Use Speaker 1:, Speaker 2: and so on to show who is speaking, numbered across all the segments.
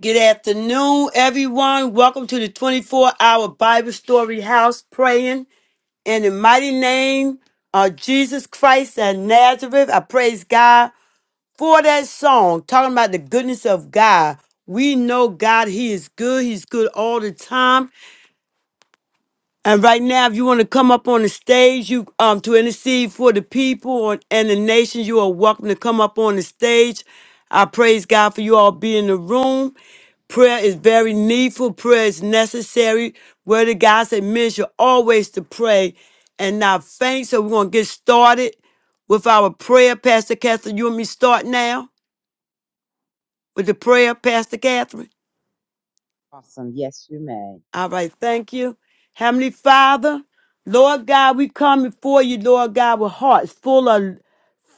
Speaker 1: Good afternoon, everyone. Welcome to the 24 hour Bible story house praying in the mighty name of Jesus Christ and Nazareth. I praise God for that song talking about the goodness of God. We know God, He is good. He's good all the time. And right now, if you want to come up on the stage, you um to intercede for the people and and the nation, you are welcome to come up on the stage. I praise God for you all being in the room. Prayer is very needful. Prayer is necessary. Word of God said men should always to pray and not faint. So we're gonna get started with our prayer. Pastor Catherine, you and me start now with the prayer, Pastor Catherine.
Speaker 2: Awesome. Yes, you may.
Speaker 1: All right, thank you. Heavenly Father, Lord God, we come before you, Lord God, with hearts full of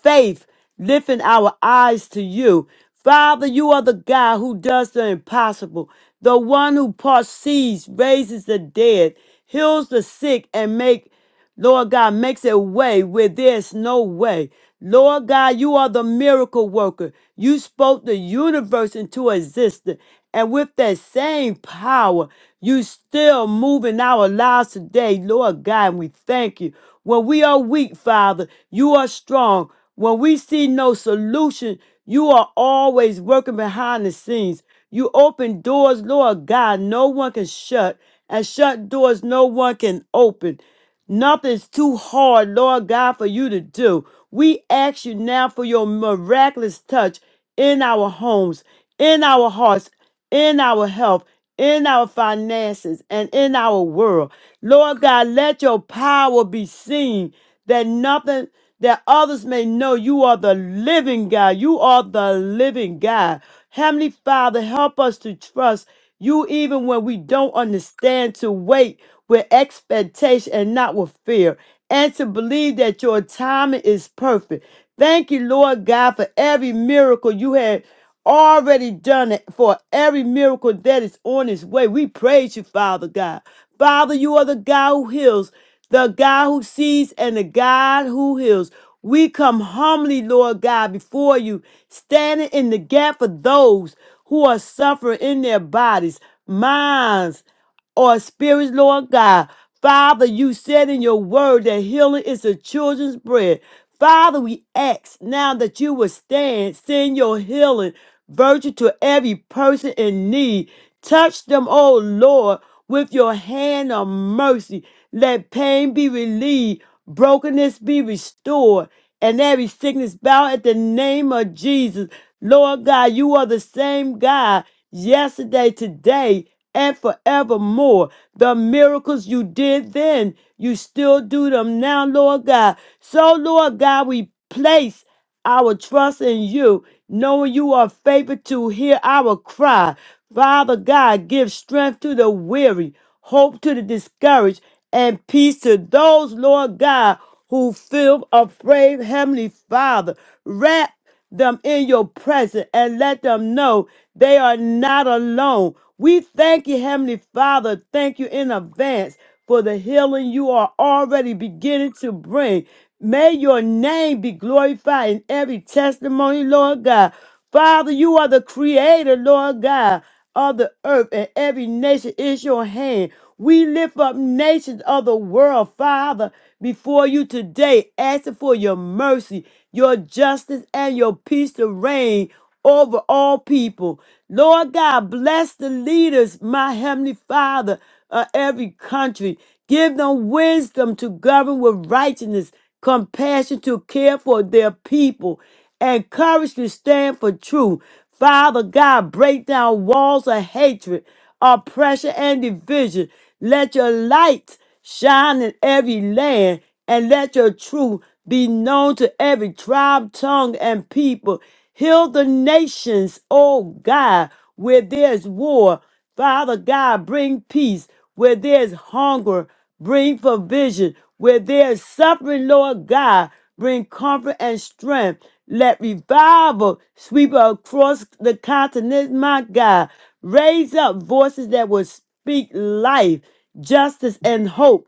Speaker 1: faith, lifting our eyes to you. Father, you are the God who does the impossible, the one who parts seas, raises the dead, heals the sick, and make Lord God makes a way where there's no way. Lord God, you are the miracle worker. You spoke the universe into existence. And with that same power, you still move in our lives today, Lord God, and we thank you. When we are weak, Father, you are strong. When we see no solution, you are always working behind the scenes. You open doors, Lord God, no one can shut, and shut doors no one can open. Nothing's too hard, Lord God, for you to do. We ask you now for your miraculous touch in our homes, in our hearts, in our health, in our finances, and in our world. Lord God, let your power be seen that nothing that others may know you are the living God. You are the living God. Heavenly Father, help us to trust you even when we don't understand, to wait with expectation and not with fear, and to believe that your timing is perfect. Thank you, Lord God, for every miracle you had already done it for every miracle that is on its way. We praise you, Father God. Father, you are the God who heals, the God who sees, and the God who heals. We come humbly, Lord God, before you, standing in the gap for those who are suffering in their bodies, minds, or spirits, Lord God. Father, you said in your word that healing is the children's bread. Father, we ask now that you will stand, send your healing virtue to every person in need. Touch them, oh Lord, with your hand of mercy. Let pain be relieved, brokenness be restored, and every sickness bow at the name of Jesus. Lord God, you are the same God yesterday, today, and forevermore. The miracles you did then, you still do them now, Lord God. So, Lord God, we place our trust in you, knowing you are faithful to hear our cry. Father God, give strength to the weary, hope to the discouraged, and peace to those, Lord God, who feel afraid, Heavenly Father. Wrap them in your presence and let them know they are not alone. We thank you, Heavenly Father. Thank you in advance for the healing you are already beginning to bring. May your name be glorified in every testimony, Lord God. Father, you are the creator, Lord God, of the earth, and every nation is your hand. We lift up nations of the world, Father, before you today, asking for your mercy your justice and your peace to reign over all people. Lord God, bless the leaders, my heavenly Father, of every country. Give them wisdom to govern with righteousness, compassion to care for their people, and courage to stand for truth. Father God, break down walls of hatred, oppression, and division. Let your light shine in every land, and let your truth be known to every tribe, tongue, and people. Heal the nations, O God, where there's war. Father God, bring peace where there's hunger, bring provision where there's suffering, Lord God, bring comfort and strength. Let revival sweep across the continent, my God. Raise up voices that will speak life, justice, and hope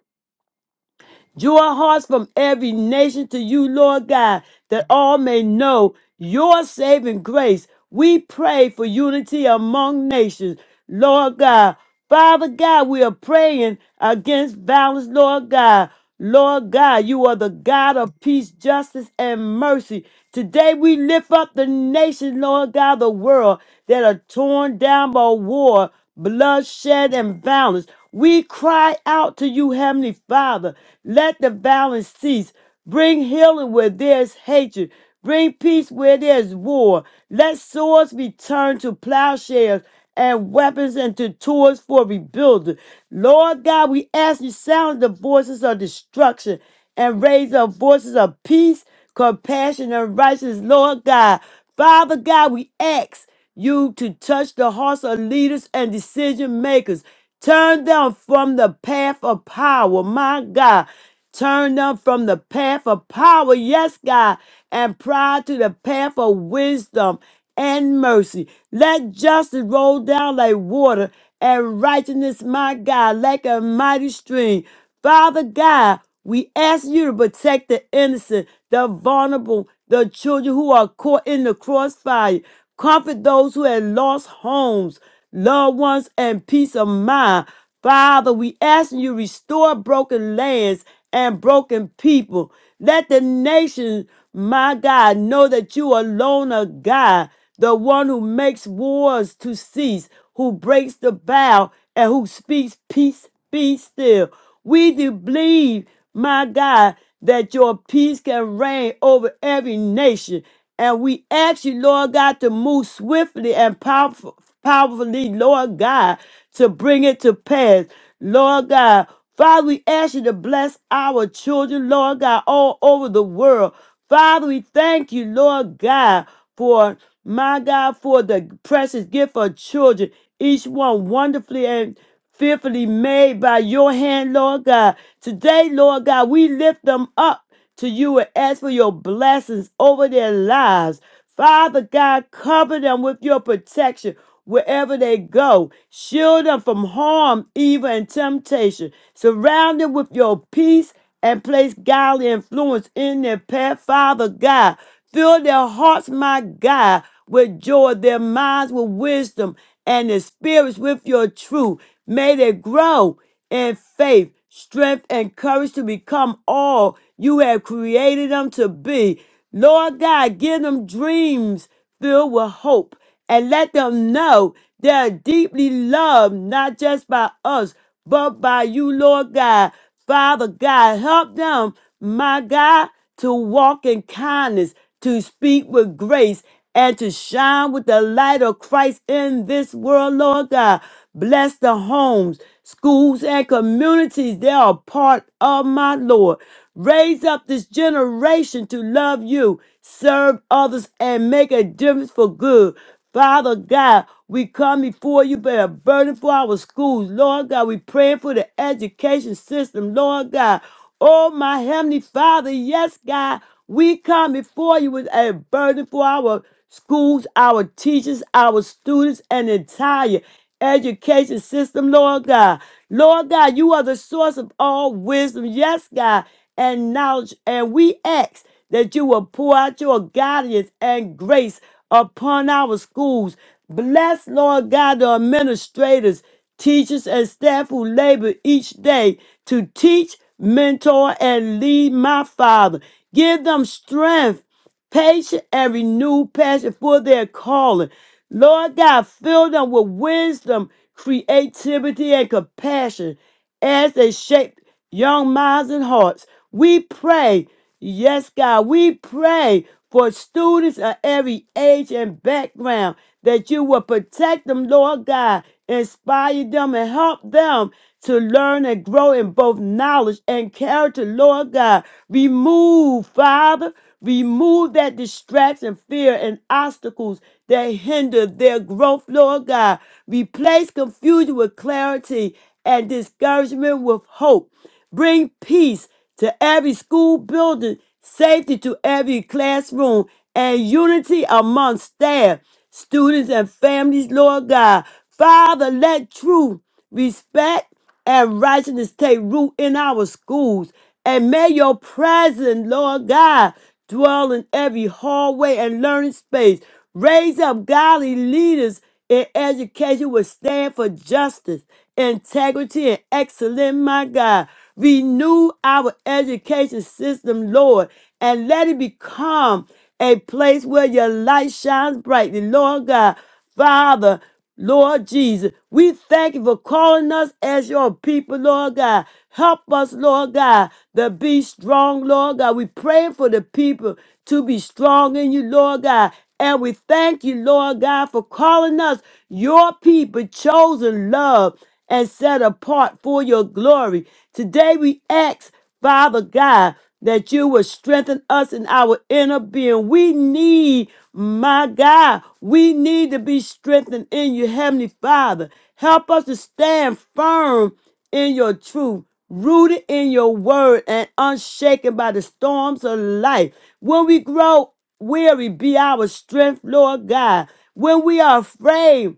Speaker 1: Draw hearts from every nation to you, Lord God, that all may know your saving grace. We pray for unity among nations, Lord God. Father God, we are praying against violence, Lord God. Lord God, you are the God of peace, justice, and mercy. Today we lift up the nation, Lord God, the world that are torn down by war, bloodshed, and violence. We cry out to you, Heavenly Father. Let the violence cease. Bring healing where there's hatred. Bring peace where there's war. Let swords be turned to plowshares and weapons into tools for rebuilding. Lord God, we ask you silence the voices of destruction and raise up voices of peace, compassion, and righteousness. Lord God, Father God, we ask you to touch the hearts of leaders and decision makers. Turn them from the path of power, my God. Turn them from the path of power, yes, God, and pride to the path of wisdom and mercy. Let justice roll down like water and righteousness, my God, like a mighty stream. Father God, we ask you to protect the innocent, the vulnerable, the children who are caught in the crossfire. Comfort those who had lost homes, loved ones, and peace of mind. Father, we ask you to restore broken lands and broken people. Let the nation, my God, know that you alone are God, the one who makes wars to cease, who breaks the bow, and who speaks peace be still. We do believe, my God, that your peace can reign over every nation. And we ask you, Lord God, to move swiftly and powerful, powerfully, Lord God, to bring it to pass. Lord God, Father, we ask you to bless our children, Lord God, all over the world. Father, we thank you, Lord God, for my God, for the precious gift of children, each one wonderfully and fearfully made by your hand, Lord God. Today, Lord God, we lift them up to you and ask for your blessings over their lives. Father God, cover them with your protection wherever they go. Shield them from harm, evil, and temptation. Surround them with your peace and place godly influence in their path. Father God, fill their hearts, my God, with joy, their minds with wisdom, and their spirits with your truth. May they grow in faith, strength, and courage to become all you have created them to be. Lord God, give them dreams filled with hope and let them know they are deeply loved, not just by us, but by you, Lord God. Father God, help them, my God to walk in kindness, to speak with grace, and to shine with the light of Christ in this world, Lord God. Bless the homes, schools, and communities They are part of my Lord. Raise up this generation to love you, serve others, and make a difference for good. Father God, we come before you, bear a burden for our schools. Lord God, we praying for the education system. Lord God, oh my heavenly Father, yes, God, we come before you with a burden for our schools, our teachers, our students, and entire education system, Lord God. Lord God, you are the source of all wisdom, yes, God, and knowledge. And we ask that you will pour out your guidance and grace upon our schools. Bless, Lord God, the administrators, teachers, and staff who labor each day to teach, mentor, and lead my Father. Give them strength patience, and renewed passion for their calling. Lord God, fill them with wisdom, creativity, and compassion as they shape young minds and hearts. We pray, yes, God, we pray for students of every age and background that you will protect them, Lord God, inspire them, and help them to learn and grow in both knowledge and character, Lord God. Remove, Father, remove that distraction, fear, and obstacles that hinder their growth, Lord God. Replace confusion with clarity and discouragement with hope. Bring peace to every school building, safety to every classroom, and unity among staff, students, and families, Lord God. Father, let truth, respect, and righteousness take root in our schools. And may your presence, Lord God, dwell in every hallway and learning space. Raise up godly leaders and education will stand for justice, integrity, and excellence, my God. Renew our education system, Lord, and let it become a place where your light shines brightly, Lord God. Father, Lord Jesus, we thank you for calling us as your people, Lord God. Help us, Lord God, to be strong, Lord God. We pray for the people to be strong in you, Lord God. And we thank you, Lord God, for calling us your people, chosen, loved, and set apart for your glory. Today we ask Father God, that you will strengthen us in our inner being. We need, my God, we need to be strengthened in you, Heavenly Father. Help us to stand firm in your truth, rooted in your word, and unshaken by the storms of life. When we grow weary, be our strength, Lord God. When we are afraid,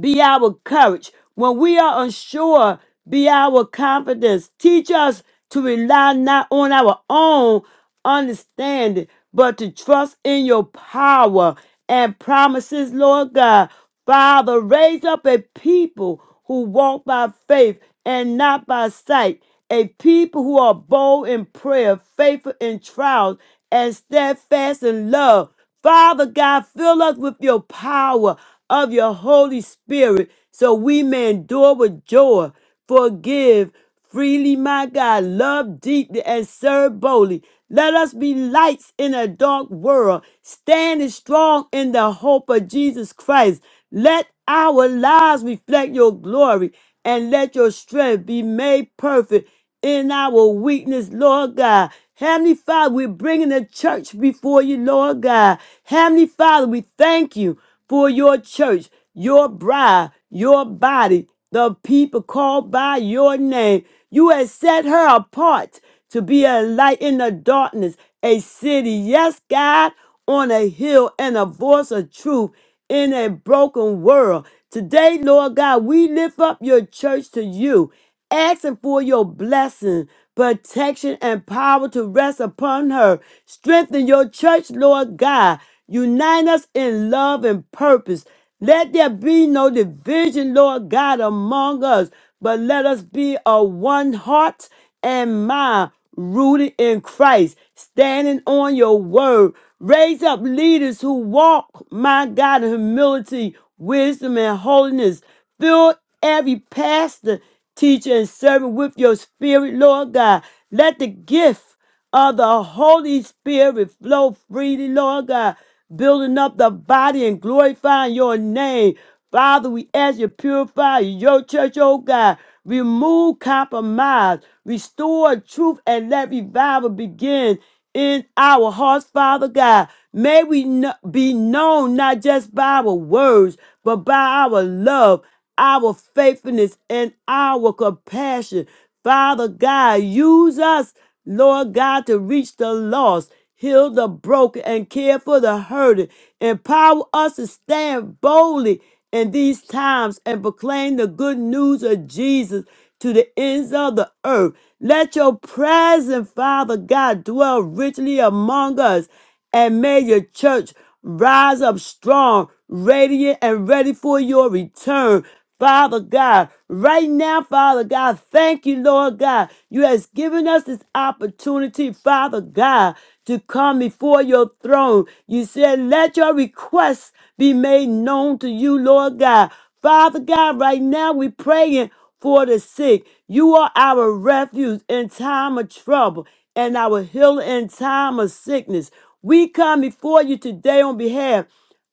Speaker 1: be our courage. When we are unsure, be our confidence. Teach us to rely not on our own understanding, but to trust in your power and promises, Lord God. Father, raise up a people who walk by faith and not by sight, a people who are bold in prayer, faithful in trials, and steadfast in love. Father God, fill us with your power of your Holy Spirit so we may endure with joy. Forgive freely, my God. Love deeply and serve boldly. Let us be lights in a dark world, standing strong in the hope of Jesus Christ. Let our lives reflect your glory and let your strength be made perfect in our weakness, Lord God. Heavenly Father, we're bringing the church before you, Lord God. Heavenly Father, we thank you for your church, your bride, your body, the people called by your name. You have set her apart to be a light in the darkness, a city, yes, God, on a hill and a voice of truth in a broken world. Today, Lord God, we lift up your church to you, asking for your blessing, protection, and power to rest upon her. Strengthen your church, Lord God. Unite us in love and purpose. Let there be no division, Lord God, among us, but let us be of one heart and mind, rooted in Christ, standing on your word. Raise up leaders who walk, my God, in humility, wisdom, and holiness. Fill every pastor, teacher, and servant with your spirit, Lord God. Let the gift of the Holy Spirit will flow freely, Lord God, building up the body and glorifying your name. Father, we ask you to purify your church, oh God. Remove compromise, restore truth, and let revival begin in our hearts, Father God. May we kn- be known not just by our words, but by our love, our faithfulness, and our compassion. Father God, use us Lord God, to reach the lost, heal the broken, and care for the hurting. Empower us to stand boldly in these times and proclaim the good news of Jesus to the ends of the earth. Let your presence, Father God, dwell richly among us, and may your church rise up strong, radiant, and ready for your return. Father God. Right now, Father God, thank you, Lord God. You has given us this opportunity, Father God, to come before your throne. You said, let your requests be made known to you, Lord God. Father God, right now we praying for the sick. You are our refuge in time of trouble and our healer in time of sickness. We come before you today on behalf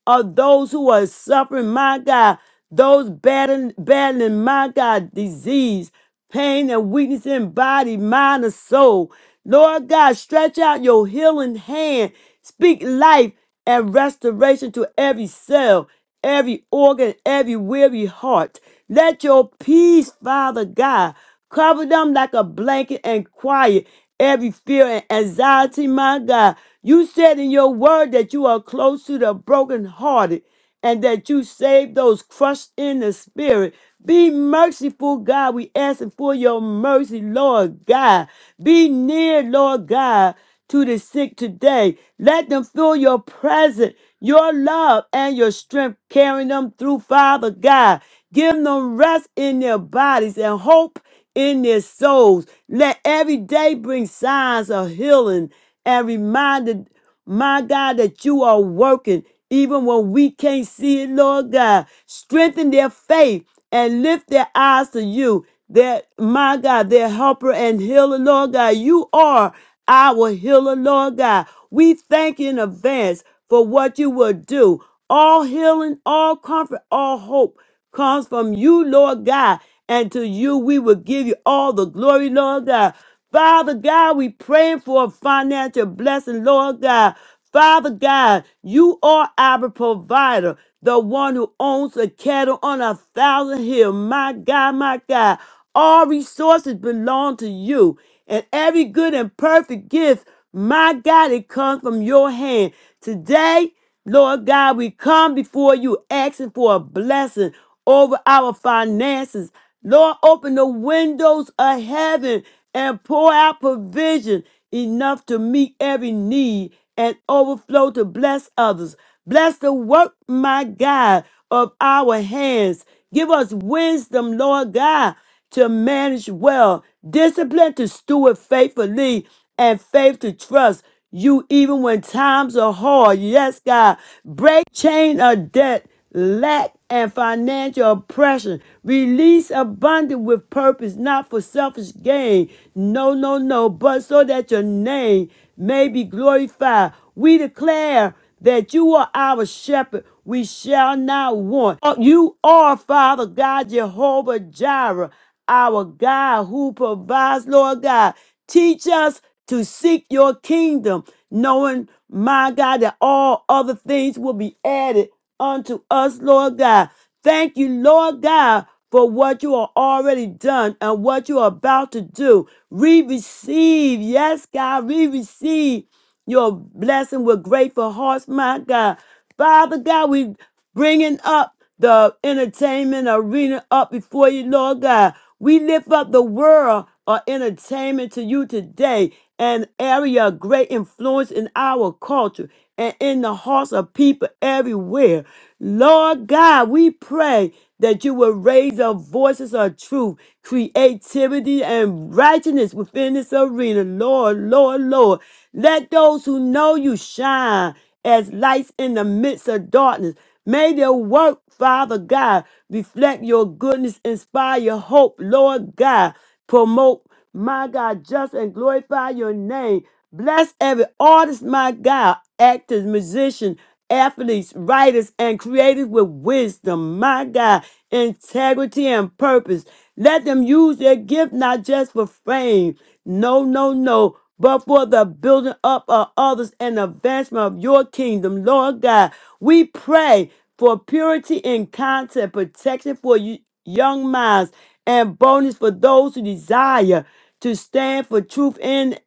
Speaker 1: of those who are suffering, my God, those battling, battling, my God, disease, pain, and weakness in body, mind, and soul. Lord God, stretch out your healing hand, speak life and restoration to every cell every organ, every weary heart. Let your peace, Father God, cover them like a blanket and quiet every fear and anxiety, my God. You said in your word that you are close to the brokenhearted and that you save those crushed in the spirit. Be merciful, God. We asking for your mercy, Lord God. Be near, Lord God, to the sick today. Let them feel your presence your love and your strength carrying them through, Father God. Give them rest in their bodies and hope in their souls. Let every day bring signs of healing and reminder, my God, that you are working even when we can't see it, Lord God. Strengthen their faith and lift their eyes to you. That my God, their helper and healer, Lord God, you are our healer, Lord God. We thank you in advance for what you will do. All healing, all comfort, all hope comes from you, Lord God. And to you we will give you all the glory, Lord God. Father God, we praying for a financial blessing, Lord God. Father God, you are our provider, the one who owns the cattle on a thousand hills. My God, my God, all resources belong to you, and every good and perfect gift, my God, it comes from your hand. Today, Lord God, we come before you asking for a blessing over our finances. Lord, open the windows of heaven and pour out provision enough to meet every need and overflow to bless others. Bless the work, my God, of our hands. Give us wisdom, Lord God, to manage well, discipline to steward faithfully, and faith to trust you even when times are hard. Yes, God. Break chain of debt, lack, and financial oppression. Release abundant with purpose, not for selfish gain. No, no, no, but so that your name may be glorified. We declare that you are our shepherd. We shall not want. Uh, You are, Father God, Jehovah Jireh, our God who provides, Lord God. Teach us to seek your kingdom, knowing, my God, that all other things will be added unto us, Lord God. Thank you, Lord God, for what you are already done and what you are about to do. We receive, yes, God, we receive your blessing with grateful hearts, my God. Father God, we bringing up the entertainment arena up before you, Lord God. We lift up the world of entertainment to you today, an area of great influence in our culture and in the hearts of people everywhere. Lord God, we pray that you will raise up voices of truth, creativity, and righteousness within this arena. Lord, Lord, Lord. Let those who know you shine as lights in the midst of darkness. May their work, Father God, reflect your goodness, inspire your hope, Lord God. Promote, my God, just and glorify your name. Bless every artist, my God, actors, musicians, athletes, writers, and creators with wisdom, my God, integrity and purpose. Let them use their gift not just for fame, no, no, no. But for the building up of others and advancement of your kingdom, Lord God, we pray for purity in content, protection for you, young minds, and bonus for those who desire to stand for truth in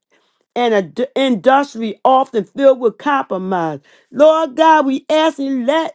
Speaker 1: an ad- industry often filled with compromise. Lord God, we ask you, let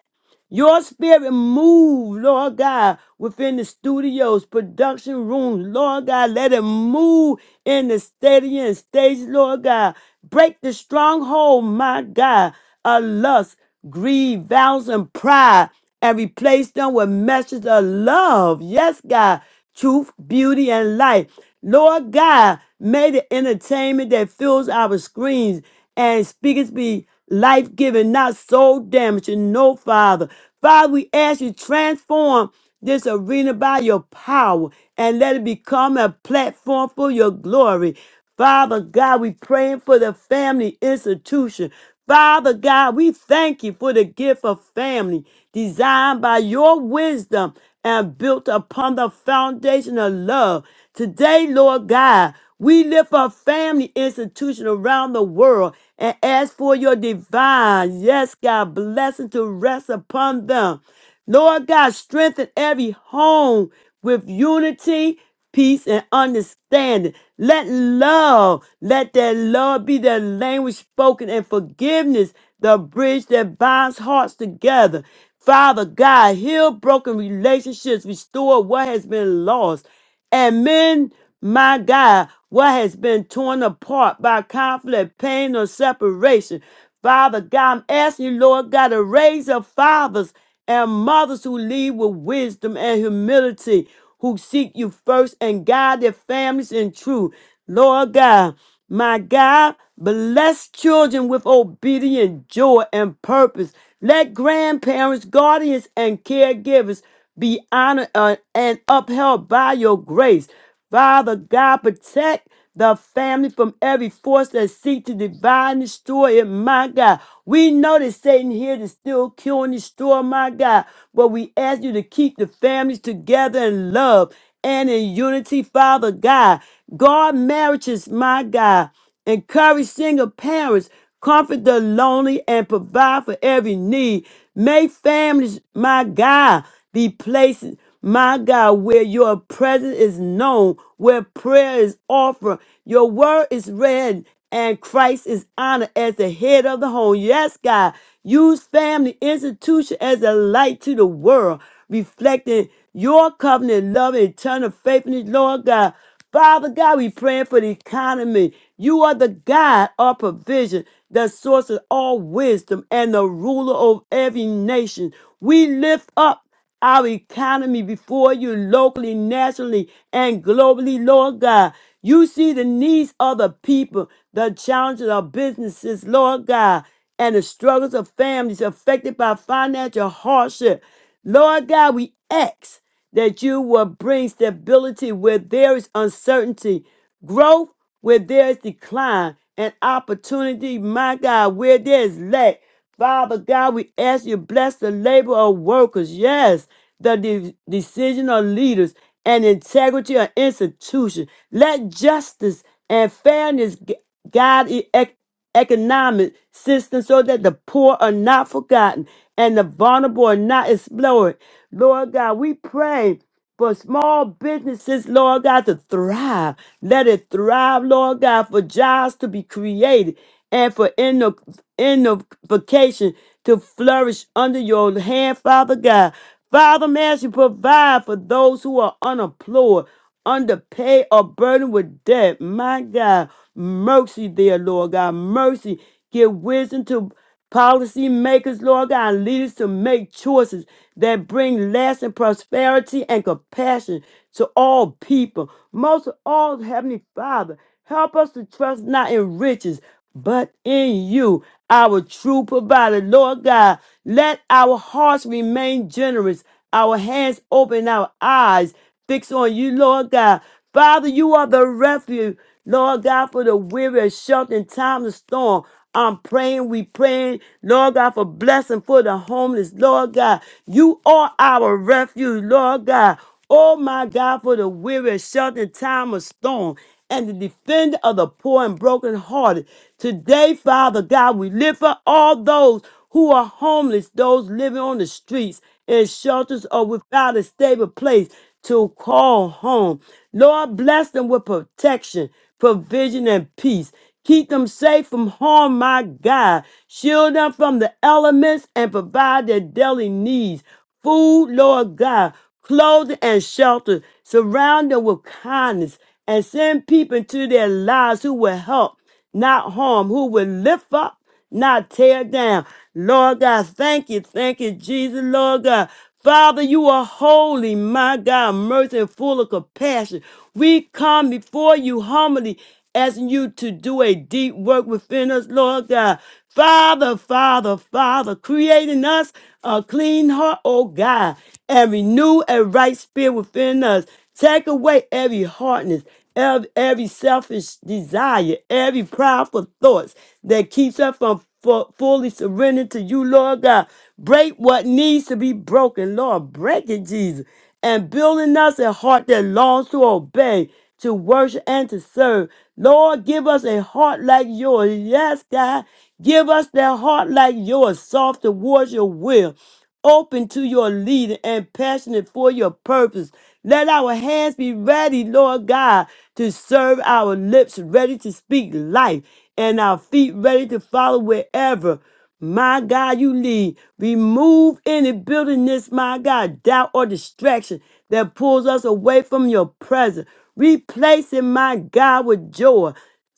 Speaker 1: your spirit move, Lord God, within the studios, production rooms, Lord God. Let it move in the stadium, stage, Lord God. Break the stronghold, my God, of lust, greed, vows, and pride, and replace them with messages of love. Yes, God, truth, beauty, and light. Lord God, may the entertainment that fills our screens and speaketh be life giving, not soul damaging. No, Father. Father, we ask you transform this arena by your power and let it become a platform for your glory. Father God, we praying for the family institution. Father God, we thank you for the gift of family designed by your wisdom and built upon the foundation of love. Today, Lord God, we lift our family institution around the world and ask for your divine, yes, God, blessing to rest upon them. Lord God, strengthen every home with unity, peace, and understanding. Let love, let that love be the language spoken and forgiveness, the bridge that binds hearts together. Father God, heal broken relationships, restore what has been lost. And mend my God, what has been torn apart by conflict, pain, or separation. Father God, I'm asking you, Lord God, to raise up fathers and mothers who lead with wisdom and humility, who seek you first and guide their families in truth. Lord God, my God, bless children with obedient joy and purpose. Let grandparents, guardians, and caregivers be honored uh, and upheld by your grace. Father God, protect the family from every force that seek to divide and destroy it, my God. We know that Satan here to still kill and destroy, my God. But we ask you to keep the families together in love and in unity, Father God. Guard marriages, my God. Encourage single parents, comfort the lonely, and provide for every need. May families, my God, be places, my God, where your presence is known, where prayer is offered, your word is read, and Christ is honored as the head of the home. Yes, God, use family institution as a light to the world, reflecting your covenant love and eternal faithfulness, Lord God. Father God, we praying for the economy. You are the God of provision, the source of all wisdom, and the ruler of every nation. We lift up our economy before you locally, nationally, and globally, Lord God. You see the needs of the people, the challenges of businesses, Lord God, and the struggles of families affected by financial hardship. Lord God, we ask that you will bring stability where there is uncertainty, growth where there is decline, and opportunity, my God, where there is lack. Father God, we ask you bless the labor of workers, yes, the de- decision of leaders and integrity of institution. Let justice and fairness gu- guide e- ec- economic system so that the poor are not forgotten and the vulnerable are not explored Lord God, we pray for small businesses, Lord God, to thrive. Let it thrive, Lord God, for jobs to be created and for inno- innovation to flourish under your hand, Father God. Father, may you provide for those who are unemployed, underpaid, or burdened with debt. My God, mercy there, Lord God, mercy. Give wisdom to policymakers, Lord God, and leaders to make choices that bring lasting prosperity and compassion to all people. Most of all, Heavenly Father, help us to trust not in riches, but in you, our true provider. Lord God, let our hearts remain generous, our hands open, our eyes. Fix on you, Lord God. Father, you are the refuge, Lord God, for the weary and shelter in time of storm. I'm praying, we praying, Lord God, for blessing for the homeless, Lord God. You are our refuge, Lord God. Oh my God, for the weary and shelter in time of storm and the defender of the poor and brokenhearted. Today, Father God, we lift up all those who are homeless, those living on the streets in shelters or without a stable place to call home. Lord, bless them with protection, provision, and peace. Keep them safe from harm, my God. Shield them from the elements and provide their daily needs. Food, Lord God, clothing, and shelter. Surround them with kindness and send people into their lives who will help, not harm, who will lift up not tear down. Lord God, thank you, thank you, Jesus, Lord God. Father, you are holy, my God, mercy and full of compassion. We come before you humbly, asking you to do a deep work within us, Lord God. Father, Father, Father, creating us a clean heart, oh God, and renew a right spirit within us. Take away every hardness, ev- every selfish desire, every prideful thoughts that keeps us from fu- fully surrendering to you, Lord God. Break what needs to be broken, Lord. Break it, Jesus. And building us a heart that longs to obey, to worship, and to serve. Lord, give us a heart like yours. Yes, God. Give us that heart like yours, soft towards your will, open to your leading, and passionate for your purpose. Let our hands be ready, Lord God, to serve our lips, ready to speak life, and our feet ready to follow wherever. My God, you lead. Remove any buildingness, my God, doubt or distraction that pulls us away from your presence. Replace it, my God, with joy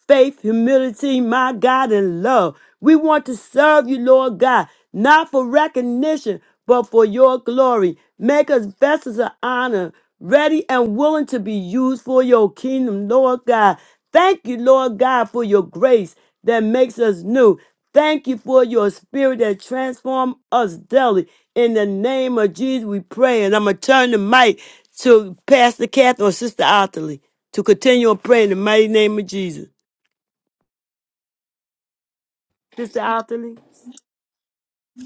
Speaker 1: faith, humility, my God, and love. We want to serve you, Lord God, not for recognition, but for your glory. Make us vessels of honor, ready and willing to be used for your kingdom, Lord God. Thank you, Lord God, for your grace that makes us new. Thank you for your spirit that transforms us daily. In the name of Jesus, we pray. And I'm going to turn the mic to Pastor Catherine or Sister Otterly to continue on praying in the mighty name of Jesus. Sister Anthony.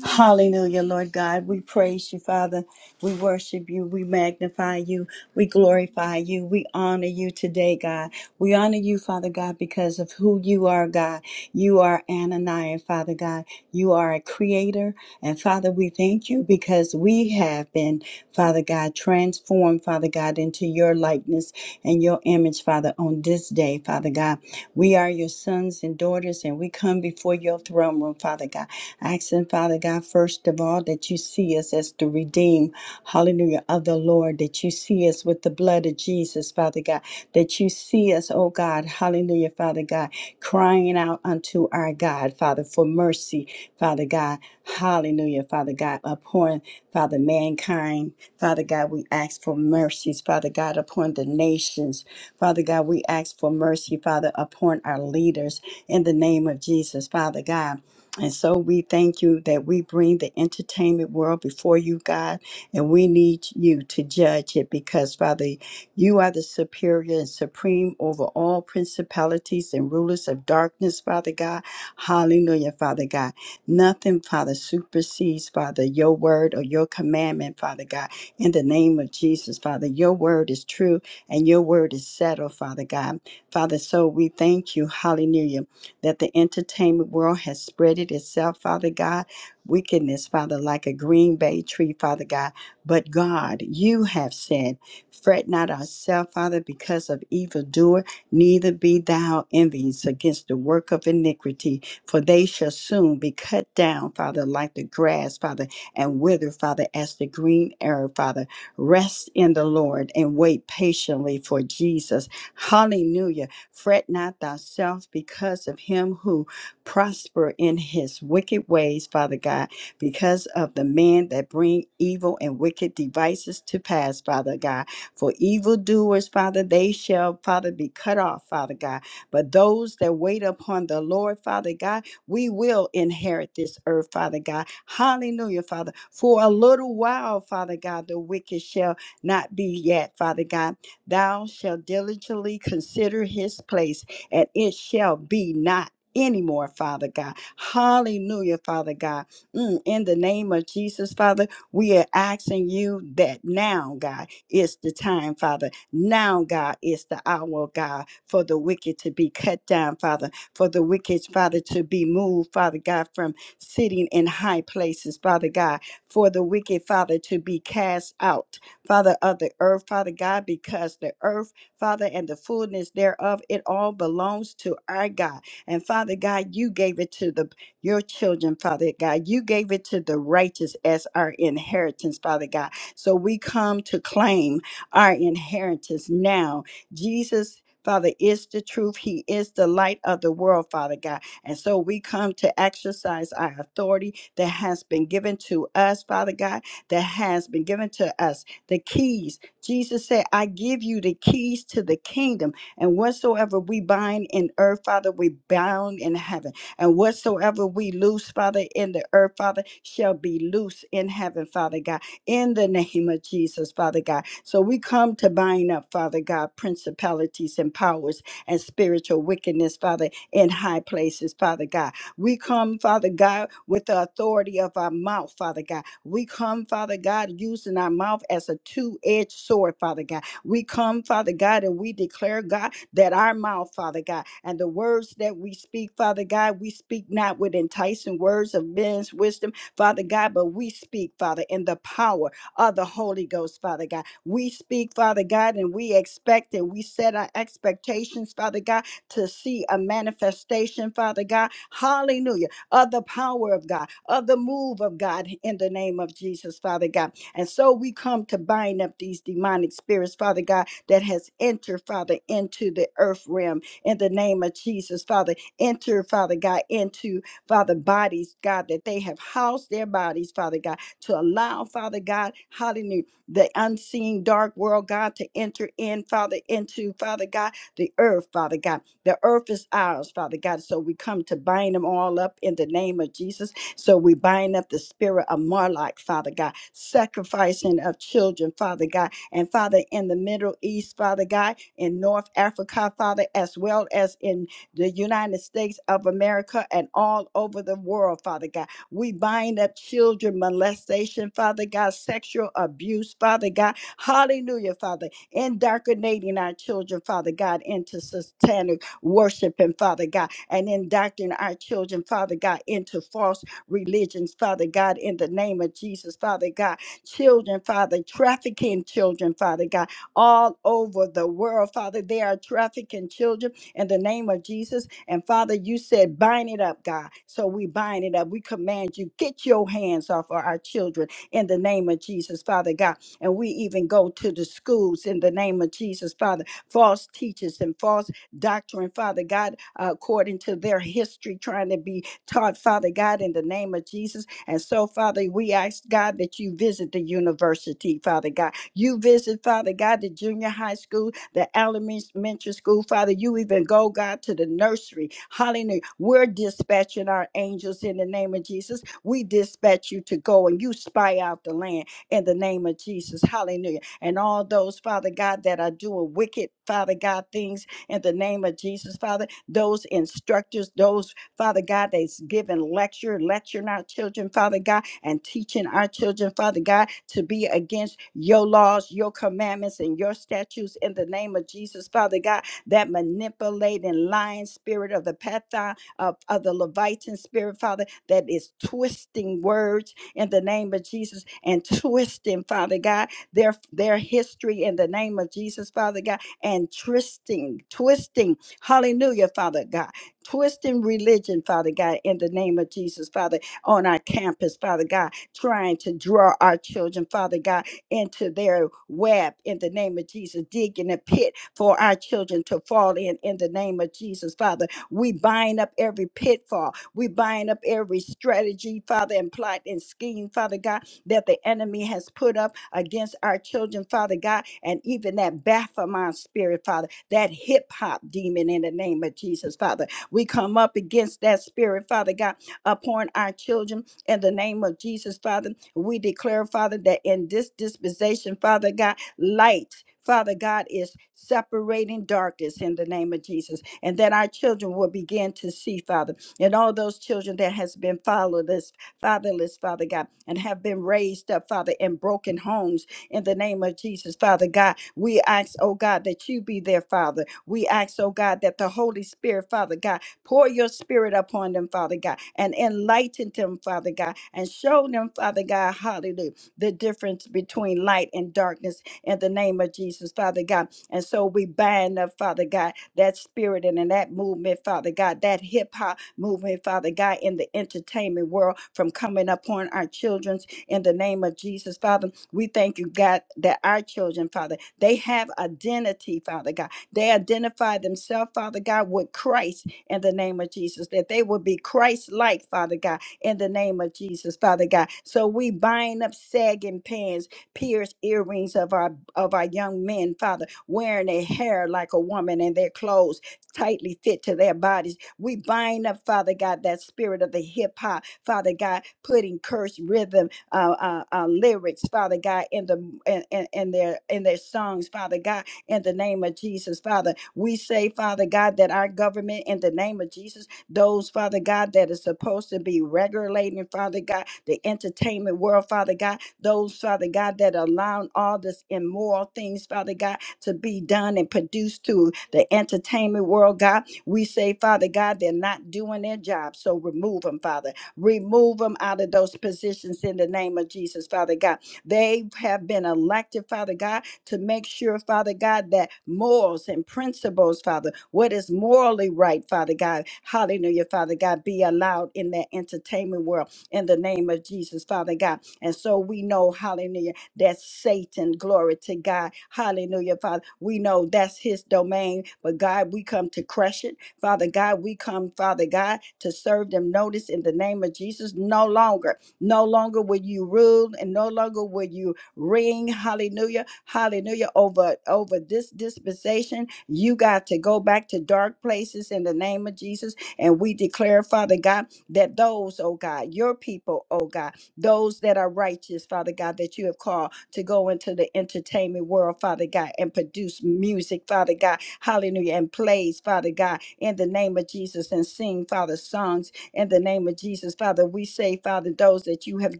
Speaker 3: Hallelujah, Lord God. We praise you, Father. We worship you. We magnify you. We glorify you. We honor you today, God. We honor you, Father God, because of who you are, God. You are Ananiah, Father God. You are a creator. And Father, we thank you because we have been, Father God, transformed, Father God, into your likeness and your image, Father, on this this day, Father God. We are your sons and daughters, and we come before your throne room, Father God. Asking, Father God, first of all, that you see us as the redeemed, hallelujah, of the Lord, that you see us with the blood of Jesus, Father God, that you see us, oh God, hallelujah, Father God, crying out unto our God, Father, for mercy, Father God, hallelujah, Father God, upon, Father, mankind, Father God, we ask for mercies, Father God, upon the nations, Father God, we ask for mercy, Father, upon our leaders in the name of Jesus, Father God. And so we thank you that we bring the entertainment world before you, God, and we need you to judge it because, Father, you are the superior and supreme over all principalities and rulers of darkness, Father God. Hallelujah, Father God. Nothing, Father, supersedes, Father, your word or your commandment, Father God. In the name of Jesus, Father, your word is true and your word is settled, Father God. Father, so we thank you, hallelujah, that the entertainment world has spread it itself, Father God. Wickedness, Father, like a green bay tree, Father God. But God, you have said, Fret not ourselves, Father, because of evildoer, neither be thou envious against the work of iniquity, for they shall soon be cut down, Father, like the grass, Father, and wither, Father, as the green herb, Father. Rest in the Lord and wait patiently for Jesus. Hallelujah. Fret not thyself because of him who prosper in his wicked ways, Father God, because of the men that bring evil and wicked devices to pass, Father God. For evildoers, Father, they shall, Father, be cut off, Father God. But those that wait upon the Lord, Father God, we will inherit this earth, Father God. Hallelujah, Father. For a little while, Father God, the wicked shall not be yet, Father God. Thou shalt diligently consider his place, and it shall be not. Anymore, Father God. Hallelujah, Father God. Mm, in the name of Jesus, Father, we are asking you that now, God, is the time, Father. Now, God, is the hour, God, for the wicked to be cut down, Father for the wicked, Father, to be moved, Father God, from sitting in high places, Father God, for the wicked, Father, to be cast out, Father of the earth, Father God, because the earth, Father, and the fullness thereof, it all belongs to our God. And Father God, you gave it to the your children, Father God. You gave it to the righteous as our inheritance, Father God. So we come to claim our inheritance now. Jesus Father is the truth. He is the light of the world, Father God. And so we come to exercise our authority that has been given to us, Father God, that has been given to us. The keys. Jesus said, I give you the keys to the kingdom. And whatsoever we bind in earth, Father, we bound in heaven. And whatsoever we loose, Father, in the earth, Father, shall be loose in heaven, Father God in the name of Jesus, Father God. So we come to bind up, Father God, principalities and powers and spiritual wickedness, Father, in high places, Father God. We come, Father God, with the authority of our mouth, Father God. We come, Father God, using our mouth as a two edged sword, Father God. We come, Father God, and we declare, God, that our mouth, Father God, and the words that we speak, Father God, we speak not with enticing words of men's wisdom Father God, but we speak, Father, in the power of the Holy Ghost, Father God. We speak, Father God, and we expect and we set our expectations, Father God, to see a manifestation, Father God. Hallelujah. Of the power of God, of the move of God in the name of Jesus, Father God. And so we come to bind up these demonic spirits, Father God, that has entered, Father, into the earth realm in the name of Jesus, Father. Enter, Father God, into Father, bodies, God, that they have housed their bodies, Father God, to allow, Father God, hallelujah, the unseen dark world, God, to enter in, Father, into, Father God, the earth, Father God. The earth is ours, Father God. So we come to bind them all up in the name of Jesus. So we bind up the spirit of Marlock, Father God, sacrificing of children, Father God, and Father in the Middle East, Father God, in North Africa, Father, as well as in the United States of America, and all over the world, Father God. We bind up children molestation, Father God, sexual abuse, Father God. Hallelujah, Father. Indoctrinating our children, Father God, into satanic worshiping, Father God, and indoctrinating our children, Father God, into false religions, Father God, in the name of Jesus, Father God. Children, Father, trafficking children, Father God, all over the world, Father. They are trafficking children in the name of Jesus. And Father, you said, bind it up, God. So we bind it up. We command you, get your hands off of our children in the name of Jesus, Father God. And we even go to the schools in the name of Jesus, Father. False teachers and false doctrine, Father God, uh, according to their history, trying to be taught, Father God, in the name of Jesus. And so, Father, we ask, God, that you visit the university, Father God. You visit, Father God, the junior high school the elementary school. Father, you even go, God, to the nursery. Hallelujah. We're dispatching our angels in the name of Jesus. We dispatch you to go and you spy out the land in the name of Jesus. Hallelujah. And all those, Father God, that are doing wicked, Father God, things in the name of Jesus, Father, those instructors, those, Father God, that's giving lecture, lecturing our children, Father God and teaching our children, Father God, to be against your laws, your commandments, and your statutes in the name of Jesus, Father God. That manipulating, lying spirit of the Pathan, of, of the Levitan spirit, Father, that is twisting words in the name of Jesus and twisting, Father God, their, their history in the name of Jesus, Father God, and twisting, twisting, hallelujah, Father God, twisting religion, Father God, in the name of Jesus, Father on our campus, Father God, trying to draw our children, Father God, into their web in the name of Jesus, digging a pit for our children to fall in in the name of Jesus, Father. We bind up every pitfall, we bind up every strategy, Father, and plot and scheme, Father God, that the enemy has put up against our children, Father God, and even that Baphomet spirit, Father, that hip hop demon in the name of Jesus, Father. We come up against that spirit, Father God upon our children. In the name of Jesus, Father, we declare, Father, that in this dispensation, Father God, light. Father God is separating darkness in the name of Jesus, and that our children will begin to see, Father, and all those children that has been fatherless, fatherless, Father God, and have been raised up, Father, in broken homes. In the name of Jesus, Father God, we ask, oh God, that you be their Father. We ask, oh God, that the Holy Spirit, Father God, Pour your spirit upon them, Father God, and enlighten them, Father God, and show them, Father God, hallelujah, the difference between light and darkness in the name of Jesus, Father God. And so we bind up, Father God, that spirit and in that movement, Father God, that hip hop movement, Father God, in the entertainment world from coming upon our children's in the name of Jesus, Father. We thank you, God, that our children, Father, they have identity, Father God. They identify themselves, Father God, with Christ in the name of Jesus, that they will be Christ like, Father God, in the name of Jesus, Father God. So we bind up sagging pants, pierced earrings of our of our young men, Father, wearing their hair like a woman and their clothes tightly fit to their bodies. We bind up, Father God, that spirit of the hip hop, Father God, putting cursed rhythm uh, uh, uh, lyrics, Father God, in the in, in in their in their songs, Father God in the name of Jesus, Father. We say, Father God, that our government, in the name of Jesus, those, Father God, that is supposed to be regulating, Father God, the entertainment world, Father God, those, Father God, that allow all this immoral things, Father God, to be done and produced to the entertainment world, God. We say, Father God, they're not doing their job. So remove them, Father. Remove them out of those positions in the name of Jesus, Father God. They have been elected, Father God to make sure, Father God, that morals and principles, Father, what is morally right, Father God, hallelujah, Father God, be allowed in that entertainment world in the name of Jesus, Father God. And so we know, hallelujah, that Satan, glory to God, hallelujah, Father, we know that's his domain, but God, we come to crush it, Father God, we come, Father God, to serve them notice in the name of Jesus. No longer, no longer will you rule, and no longer will you ring. Hallelujah. Hallelujah. Over over this dispensation, you got to go back to dark places in the name of Jesus. And we declare, Father God, that those, oh God, your people, oh God, those that are righteous, Father God, that you have called to go into the entertainment world, Father God, and produce music, Father God, hallelujah, and plays, Father God, in the name of Jesus, and sing, Father, songs in the name of Jesus, Father. We say, Father, those that you have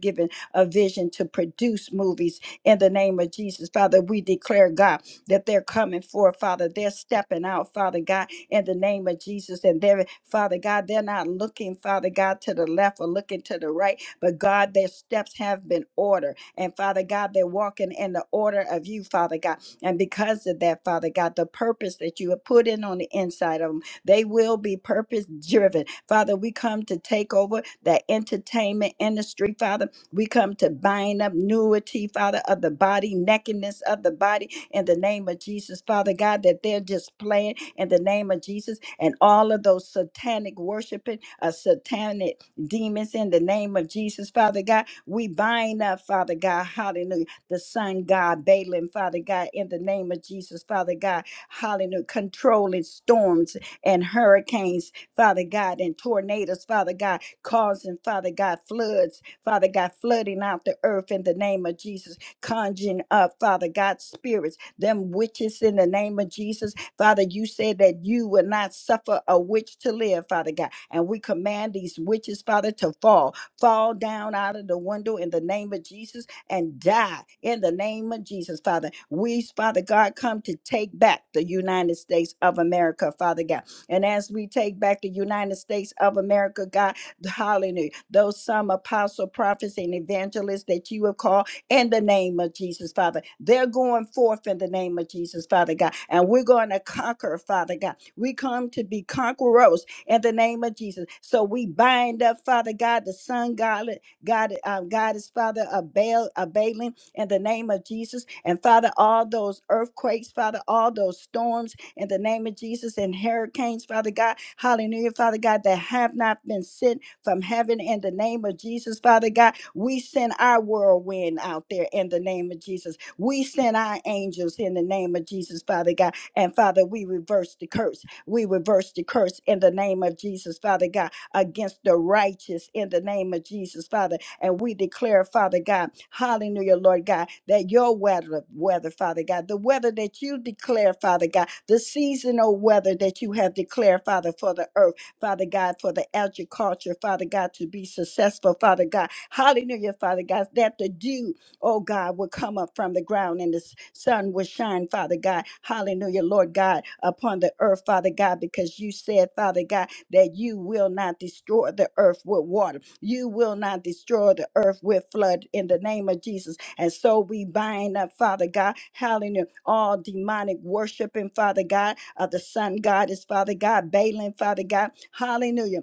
Speaker 3: given a vision to produce movies in the name of Jesus. Father, we declare, God, that they're coming forth, Father. They're stepping out, Father God, in the name of Jesus. And they're, Father God, they're not looking, Father God, to the left or looking to the right, but God, their steps have been ordered. And Father God, they're walking in the order of you, Father God. And because of that, Father God, the purpose that you have put in on the inside of them, they will be purpose driven. Father, we come to take over the entertainment industry, Father. We come to bind up nudity, Father, of the body, nakedness of the body in the name of Jesus, Father God, that they're just playing in the name of Jesus and all of those satanic worshiping, uh, satanic demons in the name of Jesus, Father God. We bind up, Father God, hallelujah, the Son God, Balaam, Father God, in the name of Jesus, Father God, hallelujah, controlling storms and hurricanes, Father God, and tornadoes, Father God, causing, Father God, floods Father God, flooding out the earth in the name of Jesus, conjuring up, Father God, spirits, them witches in the name of Jesus. Father, you said that you will not suffer a witch to live, Father God. And we command these witches, Father, to fall, fall down out of the window in the name of Jesus and die in the name of Jesus, Father. We, Father God, come to take back the United States of America, Father God. And as we take back the United States of America, God, Hallelujah. Those some apostle, prophets, and evangelists that you have called in the name of Jesus, Father. They're going forth in the name of Jesus, Father God. And we're going to conquer, Father God. We come to be conquerors in the name of Jesus. So we bind up, Father God, the sun, God, God, uh, God is Father of Baal, of Balaam, in the name of Jesus. And Father, all those earthquakes, Father, all those storms in the name of Jesus and hurricanes, Father God, hallelujah, Father God, that have not been sent from heaven in the name of Jesus, Father God. We send our whirlwind out there in the name of Jesus. We send our angels in the name of Jesus, Father God. And Father, we reverse the curse. We reverse the curse in the name of Jesus, Father God, against the righteous in the name of Jesus, Father. And we declare, Father God, hallelujah, Lord God, that your weather, weather, Father God, the weather that you declare, Father God, the seasonal weather that you have declared, Father, for the earth. Father God, for the agriculture, Father God, to be successful, Father God. Hallelujah, Father God, that the dew oh God, will come up from the ground and the s- sun will shine, Father God. Hallelujah, Lord God, upon the earth, Father God, because you said, Father God that you will not destroy the earth with water. You will not destroy the earth with flood in the name of Jesus. And so we bind up, Father God, hallelujah, all demonic worshiping, Father God, of the sun goddess, Father God, Balaam, Father God, hallelujah.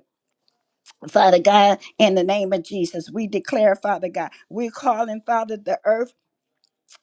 Speaker 3: Father God, in the name of Jesus, we declare, Father God, we're calling, Father, the earth.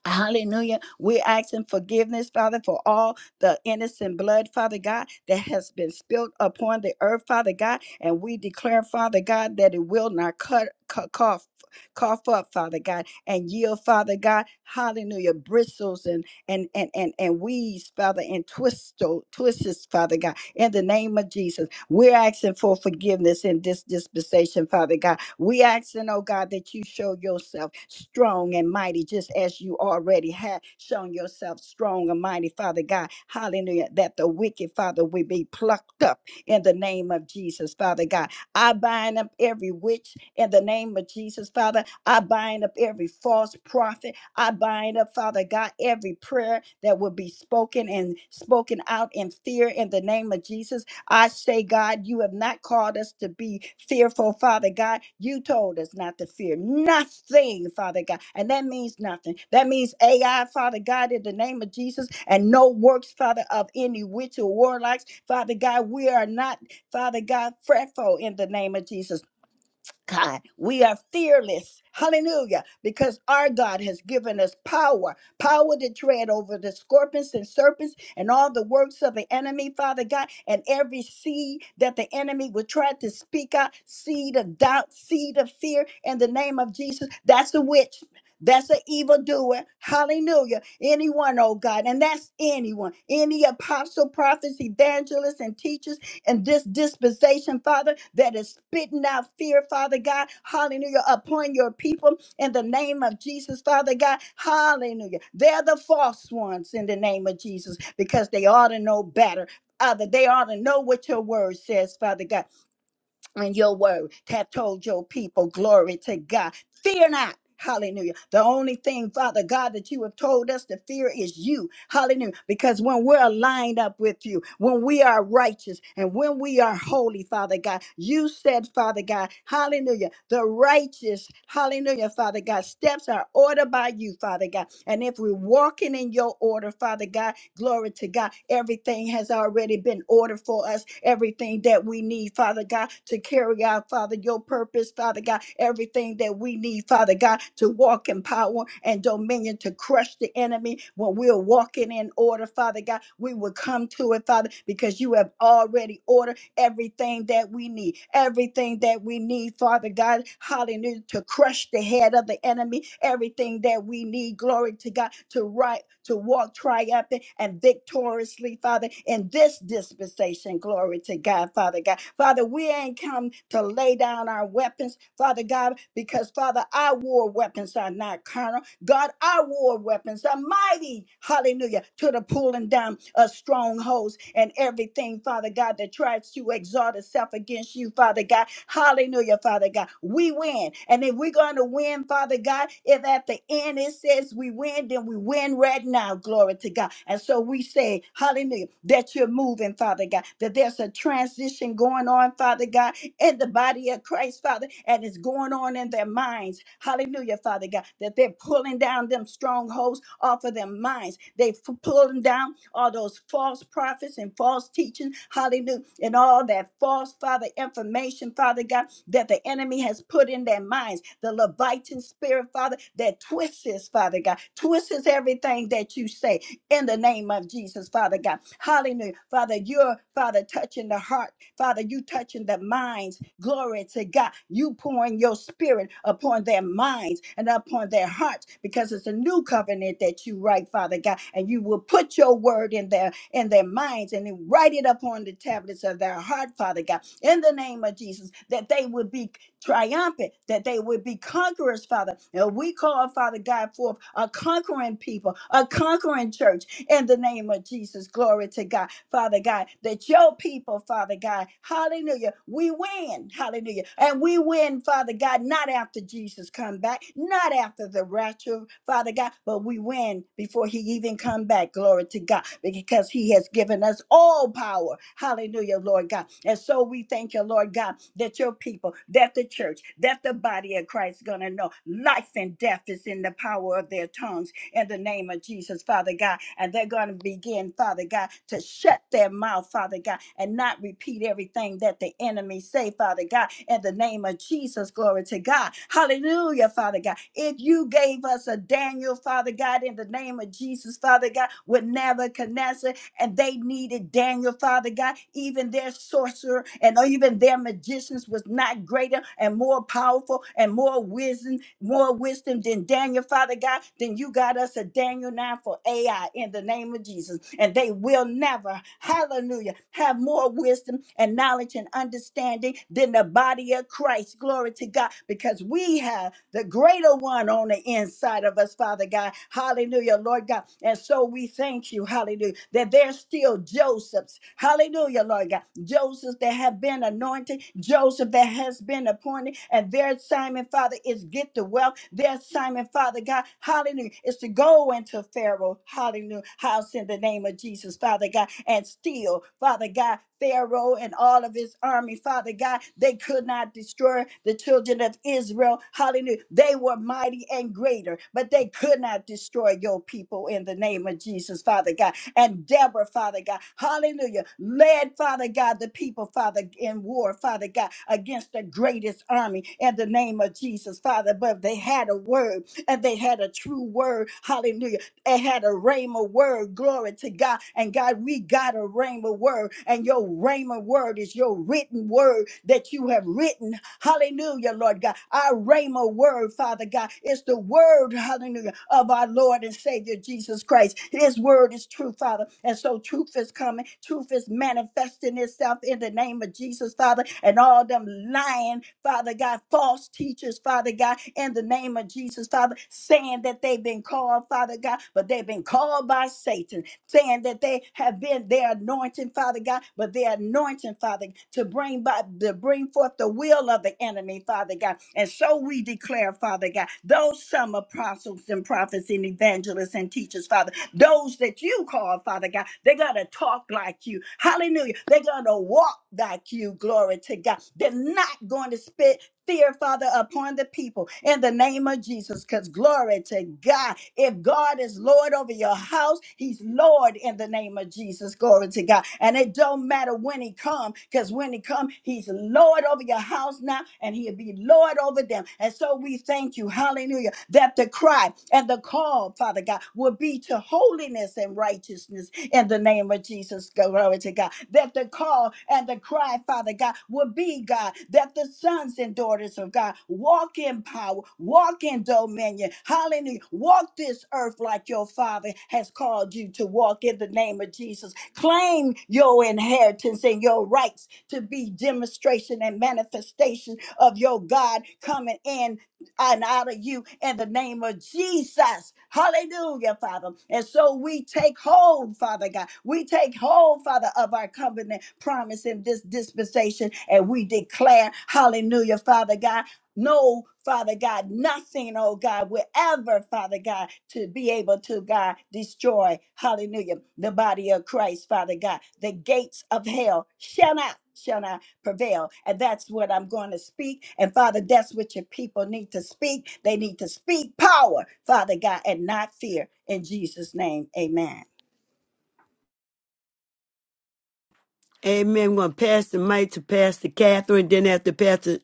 Speaker 3: Hallelujah. We're asking forgiveness, Father, for all the innocent blood, Father God, that has been spilled upon the earth, Father God. And we declare, Father God, that it will not cut, cut cough, cough up, Father God, and yield, Father God, hallelujah, bristles and and and and, and weeds, Father, and twisto, twists, Father God, in the name of Jesus. We're asking for forgiveness in this dispensation, Father God. We asking, oh God, that you show yourself strong and mighty, just as you already have shown yourself strong and mighty, Father God. Hallelujah. That the wicked, Father, will be plucked up in the name of Jesus, Father God. I bind up every witch in the name of Jesus, Father. I bind up every false prophet. I bind up, Father God, every prayer that will be spoken and spoken out in fear in the name of Jesus. I say, God, you have not called us to be fearful, Father God. You told us not to fear nothing, Father God. And that means nothing. That means AI, Father God, in the name of Jesus, and no works, Father, of any witch or warlocks. Father God, we are not, Father God, fretful in the name of Jesus. God. We are fearless. Hallelujah. Because our God has given us power power to tread over the scorpions and serpents and all the works of the enemy, Father God, and every seed that the enemy would try to speak out seed of doubt, seed of fear in the name of Jesus. That's a witch. That's an evildoer. Hallelujah. Anyone, oh God. And that's anyone. Any apostle, prophets, evangelists, and teachers and this dispensation, Father, that is spitting out fear, Father God. Hallelujah. Upon your people in the name of Jesus, Father God. Hallelujah. They're the false ones in the name of Jesus because they ought to know better. Father, they ought to know what your word says, Father God and your word have told your people, glory to God. Fear not. Hallelujah. The only thing, Father God, that you have told us to fear is you. Hallelujah. Because when we're aligned up with you, when we are righteous and when we are holy, Father God, you said, Father God, hallelujah, the righteous, hallelujah, Father God, steps are ordered by you, Father God. And if we're walking in your order, Father God, Glory to God. Everything has already been ordered for us. Everything that we need, Father God, to carry out, Father, your purpose, Father God. Everything that we need, Father God, to walk in power and dominion, to crush the enemy. When we're walking in order, Father God, we will come to it, Father, because you have already ordered everything that we need, everything that we need, Father God, hallelujah, to crush the head of the enemy, everything that we need, glory to God, to right, to walk triumphant and victoriously, Father, in this dispensation, glory to God, Father God. Father, we ain't come to lay down our weapons, Father God, because Father, our war weapons are not carnal God, our war weapons are mighty, hallelujah, to the pulling down of strongholds and everything, Father God, that tries to exalt itself against you, Father God. Hallelujah, Father God. We win. And if we're going to win, Father God, if at the end it says we win, then we win right now, glory to God. And so we say, hallelujah, that you're moving, Father God, that there's a transition going on, Father God, in the body of Christ, Father, and it's going on in their minds. Hallelujah, Father God, that they're pulling down them strongholds off of their minds. They're f- pulling down all those false prophets and false teaching, hallelujah, and all that false, Father, information, Father God, that the enemy has put in their minds. The Levitan spirit, Father, that twists this, Father God, twists everything that you say in the name of Jesus, Father God. Hallelujah. Father, you're, Father, touching the heart. Father, you touching the minds. Glory to God. You pouring your spirit upon their minds and upon their hearts because it's a new covenant that you write, Father God. And you will put your word in their in their minds and then write it upon the tablets of their heart, Father God, in the name of Jesus, that they would be triumphant, that they would be conquerors, Father. And we call, Father God, forth a conquering people, a conquering church, in the name of Jesus. Glory to God, Father God, that your people, Father God, hallelujah, we win, hallelujah. And we win, Father God, not after Jesus come back, not after the rapture, Father God, but we win before he even come back, glory to God, because he has given us all power, hallelujah, Lord God. And so we thank you, Lord God, that your people, that the church, that the body of Christ is going to know life and death is in the power of their tongues in the name of Jesus, Father God. And they're going to begin, Father God, to shut their mouth, Father God, and not repeat everything that the enemy say, Father God, in the name of Jesus. Glory to God. Hallelujah, Father God. If you gave us a Daniel, Father God, in the name of Jesus, Father God, with Nebuchadnezzar and they needed Daniel, Father God. Even their sorcerer and even their magicians was not greater and more powerful and more wisdom, more wisdom than Daniel, Father God. Then you got us a Daniel 9 for AI in the name of Jesus. And they will never, hallelujah, have more wisdom and knowledge and understanding than the body of Christ. Glory to God. Because we have the greater one on the inside of us, Father God. Hallelujah, Lord God. And so we thank you, hallelujah that there's still Josephs. Hallelujah, Lord God. Josephs that have been anointed, Joseph that has been appointed, and their assignment, Father, is get the wealth. Their assignment, Father God, hallelujah, is to go into Pharaoh, hallelujah, house in the name of Jesus, Father God, and steal, Father God, Pharaoh and all of his army, Father God, they could not destroy the children of Israel. Hallelujah. They were mighty and greater, but they could not destroy your people in the name of Jesus, Father God and Deborah, Father God. Hallelujah. Led, Father God, the people, Father, in war, Father God, against the greatest army in the name of Jesus, Father. But they had a word and they had a true word. Hallelujah and had a rhema word. Glory to God. And God, we got a rhema word. And your rhema word is your written word that you have written. Hallelujah, Lord God. Our rhema word, Father God, is the word, hallelujah, of our Lord and Savior Jesus Christ. His word is truth, Father. And so truth is coming. Truth is manifesting itself in the name of Jesus, Father. And all them lying Father God, false teachers, Father God, in the name of Jesus, Father, saying that they've been called, Father God, but they've been called by Satan, saying that they have been their anointing, Father God, but their anointing, Father, to bring by to bring forth the will of the enemy, Father God. And so we declare, Father God, those some apostles and prophets and evangelists and teachers, Father. Those that you call, Father God, they're going to talk like you. Hallelujah. They're going to walk like you. Glory to God. They're not going to spit fear, Father, upon the people in the name of Jesus. Because glory to God. If God is Lord over your house, He's Lord in the name of Jesus. Glory to God. And it don't matter when He come, because when He come, He's Lord over your house now, and He'll be Lord over them. And so we thank you, Hallelujah, that the cry and the call, Father God, will be be to holiness and righteousness in the name of Jesus. Glory to God. That the call and the cry, Father God, will be God. That the sons and daughters of God walk in power, walk in dominion. Hallelujah. Walk this earth like your Father has called you to walk in the name of Jesus. Claim your inheritance and your rights to be demonstration and manifestation of your God coming in and out of you in the name of Jesus. Hallelujah, Father. And so we take hold, Father God. We take hold, Father, of our covenant promise in this dispensation, and we declare, Hallelujah, Father God. No, Father God, nothing, oh God, will ever, Father God, to be able to, God, destroy, hallelujah, the body of Christ, Father God. The gates of hell shall not, shall not prevail. And that's what I'm going to speak. And Father, that's what your people need to speak. They need to speak power, Father God, and not fear. In Jesus' name, amen.
Speaker 1: Amen. I'm going to pass the mic to Pastor Catherine. Then after Pastor,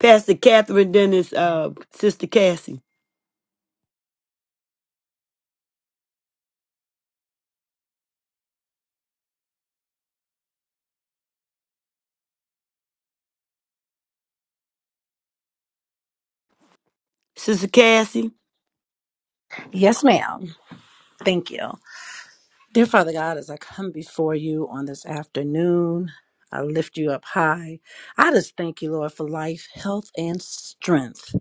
Speaker 1: Pastor Catherine, then it's uh, Sister Cassie. Sister Cassie.
Speaker 4: Yes, ma'am. Thank you. Dear Father God, as I come before you on this afternoon, I lift you up high. I just thank you, Lord, for life, health, and strength.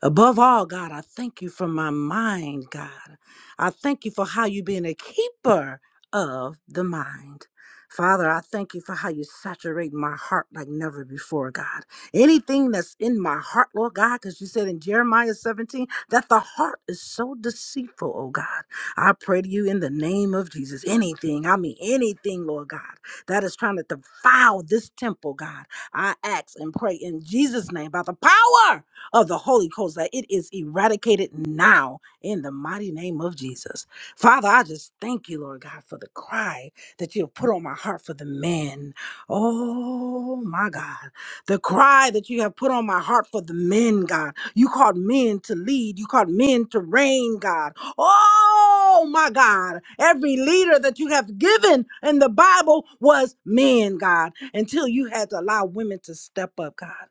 Speaker 4: Above all, God, I thank you for my mind, God. I thank you for how you being a keeper of the mind. Father, I thank you for how you saturate my heart like never before, God. Anything that's in my heart, Lord God, because you said in Jeremiah 17 that the heart is so deceitful, oh God. I pray to you in the name of Jesus. Anything, I mean anything, Lord God, that is trying to defile this temple, God. I ask and pray in Jesus' name by the power of the Holy Ghost, that it is eradicated now in the mighty name of Jesus. Father, I just thank you, Lord God, for the cry that you have put on my heart for the men. Oh my God. The cry that you have put on my heart for the men, God. You called men to lead, you called men to reign, God. Oh my God. Every leader that you have given in the Bible was men, God, until you had to allow women to step up, God.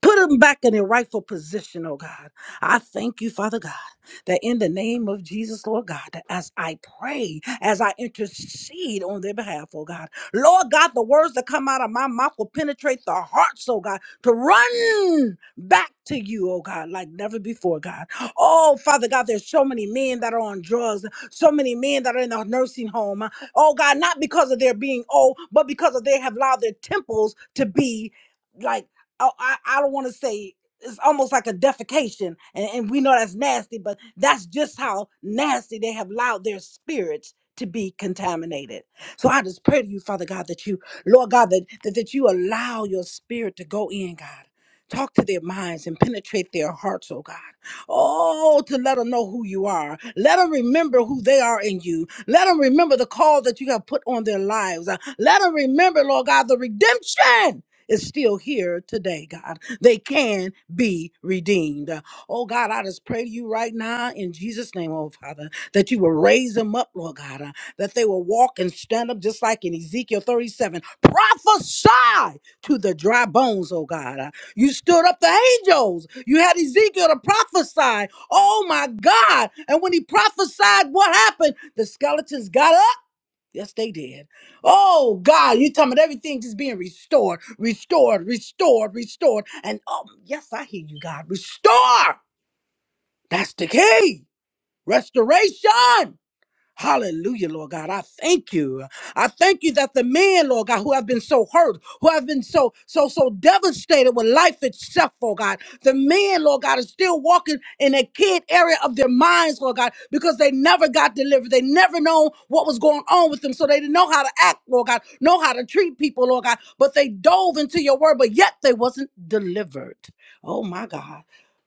Speaker 4: Put them back in their rightful position, oh God. I thank you, Father God, that in the name of Jesus, Lord God, that as I pray, as I intercede on their behalf, oh God, Lord God, the words that come out of my mouth will penetrate the hearts, oh God, to run back to you, oh God, like never before, God. Oh, Father God, there's so many men that are on drugs, so many men that are in the nursing home. Oh God, not because of their being old, but because of they have allowed their temples to be. Like oh, I, I don't want to say it's almost like a defecation, and, and we know that's nasty, but that's just how nasty they have allowed their spirits to be contaminated. So I just pray to you, Father God, that you, Lord God, that, that, that you allow your spirit to go in, God. Talk to their minds and penetrate their hearts, oh God. Oh, to let them know who you are. Let them remember who they are in you. Let them remember the call that you have put on their lives. Uh, Let them remember, Lord God, the redemption is still here today, God. They can be redeemed. Oh, God, I just pray to you right now in Jesus' name, oh, Father, that you will raise them up, Lord God, uh, that they will walk and stand up just like in Ezekiel 37. Prophesy to the dry bones, oh, God. Uh, You stood up the angels. You had Ezekiel to prophesy. Oh, my God. And when he prophesied, what happened? The skeletons got up. Yes, they did. Oh God, you talking about everything just being restored, restored, restored, restored. And oh yes, I hear you, God. Restore. That's the key. Restoration. Hallelujah, Lord God. I thank you. I thank you that the men, Lord God, who have been so hurt, who have been so, so, so devastated with life itself, oh God, the men, Lord God, are still walking in a kid area of their minds, Lord God, because they never got delivered. They never know what was going on with them. So they didn't know how to act, Lord God, know how to treat people, Lord God, but they dove into your word, but yet they wasn't delivered. Oh my God.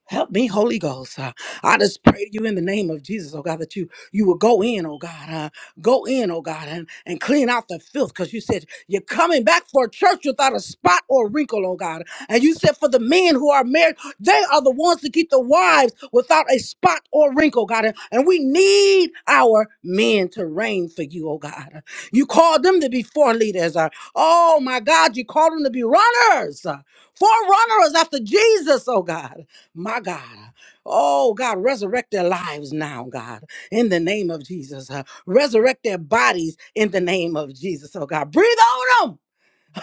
Speaker 4: Help me, Holy Ghost. Uh, I just pray to you in the name of Jesus, oh God, that you you will go in, oh God. Uh, go in, oh God, and, and clean out the filth because you said you're coming back for a church without a spot or wrinkle, oh God. And you said for the men who are married, they are the ones to keep the wives without a spot or wrinkle, God. And and we need our men to reign for you, oh God. You called them to be forerunners. uh, Oh my God, you called them to be runners, uh, forerunners after Jesus, oh God. My God. Oh God, resurrect their lives now, God in the name of Jesus. uh, resurrect their bodies in the name of Jesus, oh God. Breathe on them.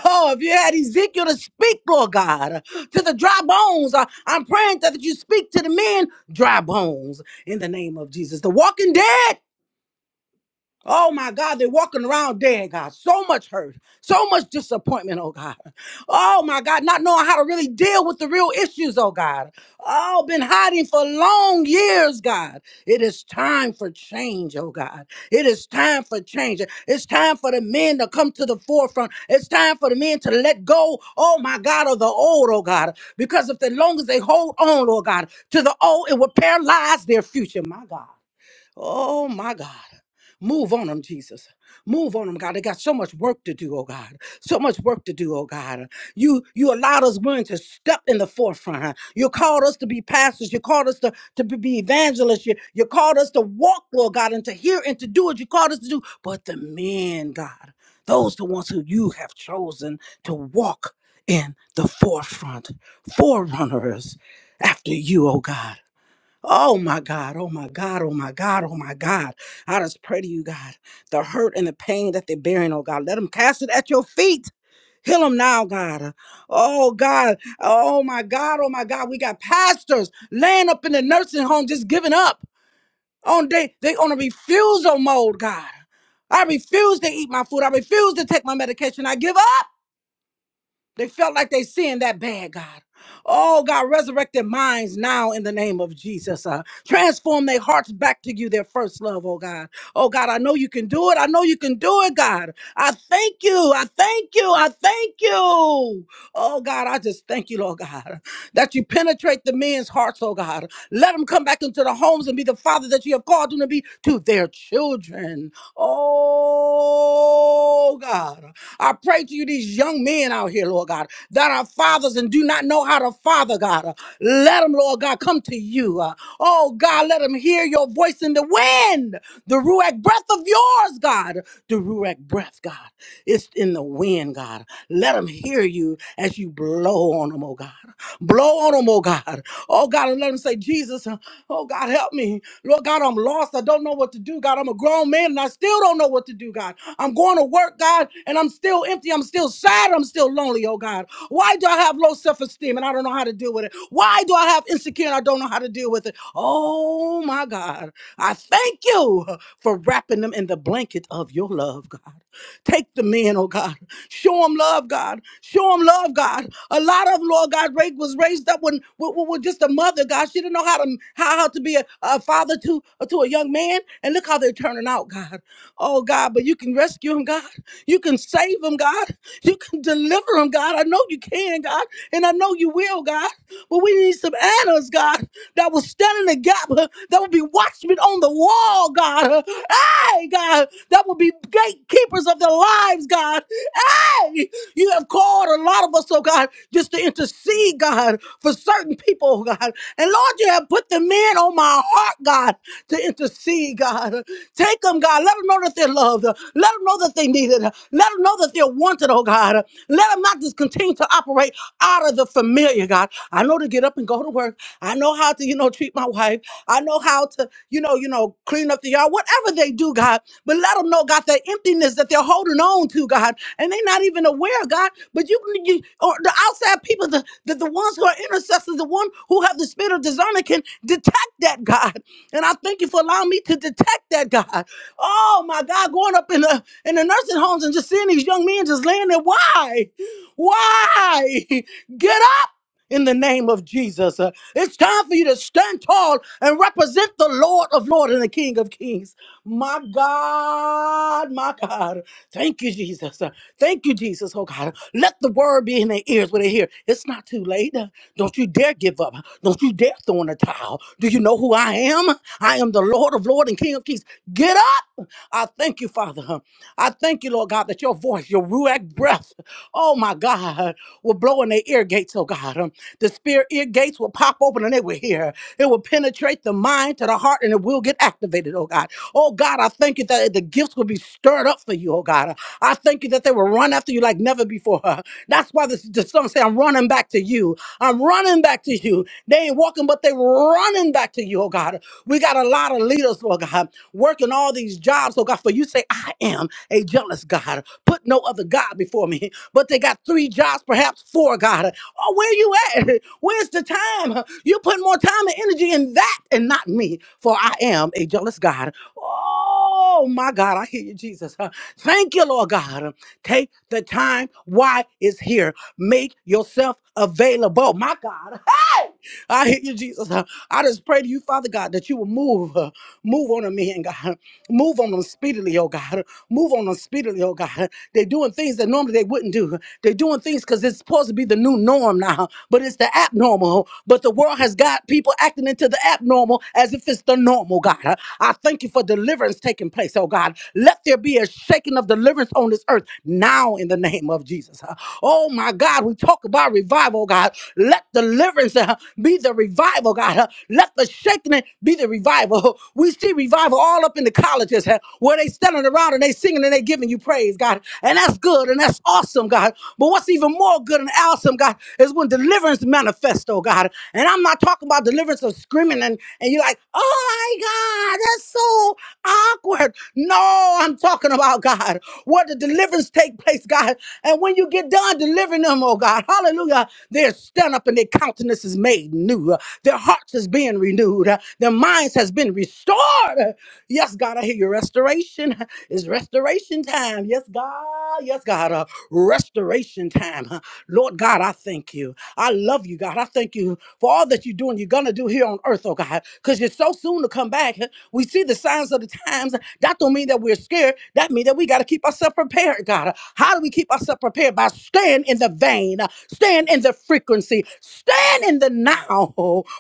Speaker 4: Oh, if you had Ezekiel to speak, Lord God, uh, to the dry bones, uh, I'm praying that you speak to the men, dry bones, in the name of Jesus. The walking dead Oh my God, they're walking around dead, God. So much hurt, so much disappointment, oh God. Oh my God, not knowing how to really deal with the real issues, oh God. Oh, been hiding for long years, God. It is time for change, oh God. It is time for change. It's time for the men to come to the forefront. It's time for the men to let go, oh my God, of the old, oh God. Because if the long as they hold on, oh God, to the old, it will paralyze their future, my God. Oh my God. Move on them, Jesus. Move on them, God. They got so much work to do, oh God. So much work to do, oh God. You you allowed us women to step in the forefront. Huh? You called us to be pastors. You called us to, to be be evangelists. You, you called us to walk, Lord God, and to hear and to do what you called us to do. But the men, God, those the ones who you have chosen to walk in the forefront, forerunners after you, oh God. Oh my God, oh my God, oh my God, oh my God. I just pray to you, God, the hurt and the pain that they're bearing, oh God, let them cast it at your feet. Heal them now, God. Oh God, oh my God, oh my God. We got pastors laying up in the nursing home just giving up on they they on a refusal mode, God. I refuse to eat my food. I refuse to take my medication. I give up. They felt like they sinned that bad, God. Oh, God, resurrect their minds now in the name of Jesus. Uh, transform their hearts back to you, their first love, oh God. Oh, God, I know you can do it. I know you can do it, God. I thank you. I thank you. I thank you. Oh, God, I just thank you, Lord God, that you penetrate the men's hearts, oh God. Let them come back into the homes and be the father that you have called them to be to their children. Oh, God. I pray to you, these young men out here, Lord God, that are fathers and do not know how to father, God. Uh, Let them, Lord God, come to you. Uh, Oh, God, let them hear your voice in the wind, the Ruach breath of yours, God. The Ruach breath, God. It's in the wind, God. Let them hear you as you blow on them, oh God. Blow on them, oh God. Oh God, and let let 'em say, Jesus, uh, oh God, help me. Lord God, I'm lost. I don't know what to do. God, I'm a grown man and I still don't know what to do, God. I'm going to work, God, and I'm still empty. I'm still sad. I'm still lonely, oh God. Why do I have low self esteem and I don't know how to deal with it? Why do I have insecure and I don't know how to deal with it? Oh my God. I thank you for wrapping them in the blanket of your love, God. Take the men, oh God. Show them love, God. Show them love, God. A lot of them, Lord God, ra- was raised up when with, with- with just a mother, God. She didn't know how to how, how to be a, a father to to a young man. And look how they're turning out, God. Oh God, but you can rescue him, God. You can save him, God. You can deliver him, God. I know you can, God, and I know you will, God. But we need some Annas, God, that will stand in the gap, uh, that will be watchmen on the wall, God. Uh, Hey, God, that will be gatekeepers of their lives, God. Hey, you have called a lot of us, oh God, just to intercede, God. God, for certain people, oh God. And Lord, you have put the men on my heart, God, to intercede, God. Take them, God. Let them know that they're loved. Let them know that they need it, Let them know that they're wanted, oh God. Let them not just continue to operate out of the familiar, God. I know to get up and go to work. I know how to, you know, treat my wife. I know how to, you know, you know, clean up the yard. Whatever they do, God. But let them know, God, that emptiness that they're holding on to, God, and they're not even aware, God. But you, you or the outside people, the, the, the ones who are intercessors, the one who have the spirit of discernment can detect that, God. And I thank you for allowing me to detect that, God. Oh my God, going up in the in the nursing homes and just seeing these young men just laying there. Why? Why? Get up in the name of Jesus. Uh, It's time for you to stand tall and represent the Lord of Lords and the King of Kings. My God, my God. Thank you, Jesus. Uh, Thank you, Jesus. Oh, God. Let the word be in their ears when they hear. It's not too late. Uh, Don't you dare give up. Don't you dare throw in the towel. Do you know who I am? I am the Lord of Lords and King of Kings. Get up. I thank you, Father. huh. I thank you, Lord God, that your voice, your ruach breath, oh my God, will blow in their ear gates, oh God. Um, The spirit ear gates will pop open and they will hear. It will penetrate the mind to the heart and it will get activated, oh God. Oh God, I thank you that the gifts will be stirred up for you, oh God. I thank you that they will run after you like never before. huh. That's why the, the song say, I'm running back to you. I'm running back to you. They ain't walking, but they running back to you, oh God. We got a lot of leaders, Lord God working all these jobs, oh God, for you say, I am a jealous God. Put no other God before me. But they got three jobs, perhaps four, God. Oh, where you at? Where's the time? You put more time and energy in that and not me, for I am a jealous God. Oh my God, I hear you, Jesus. Uh, Thank you, Lord God. Take the time. Why is here? Make yourself available. My God. Hey! I hear you, Jesus. I just pray to you, Father God, that you will move. uh, Move on them men, God. Move on them speedily, oh God. Move on them speedily, oh God. They're doing things that normally they wouldn't do. They're doing things because it's supposed to be the new norm now, but it's the abnormal. But the world has got people acting into the abnormal as if it's the normal, God. God. I thank you for deliverance taking place, oh God. Let there be a shaking of deliverance on this earth now in the name of Jesus. Uh, Oh my God, we talk about revival, oh God. Let deliverance uh, be the revival, oh God. Uh, Let the shaking be the revival. We see revival all up in the colleges uh, where they standing around and they singing and they giving you praise, God. And that's good and that's awesome, God. But what's even more good and awesome, God, is when deliverance deliverance manifesto, God. And I'm not talking about deliverance of screaming and, and you're like, oh my God, that's so awkward. No, I'm talking about God. Where the deliverance take place, God. And when you get done delivering them, oh God, hallelujah, they stand up and their countenance is made new. Uh, Their hearts is being renewed. Uh, Their minds has been restored. Uh, Yes, God, I hear your restoration. It's restoration time. Yes, God. Yes, God. Uh, restoration time. huh? Lord God, I thank you. I love you, God. I thank you for all that you're doing, you're going to do here on earth, oh God, because you're so soon to come back. Huh? We see the signs of the times. That don't mean that we're scared. That means that we got to keep ourselves prepared, God. How do we keep ourselves prepared? By staying in the vein, uh, staying in the frequency, staying in the now.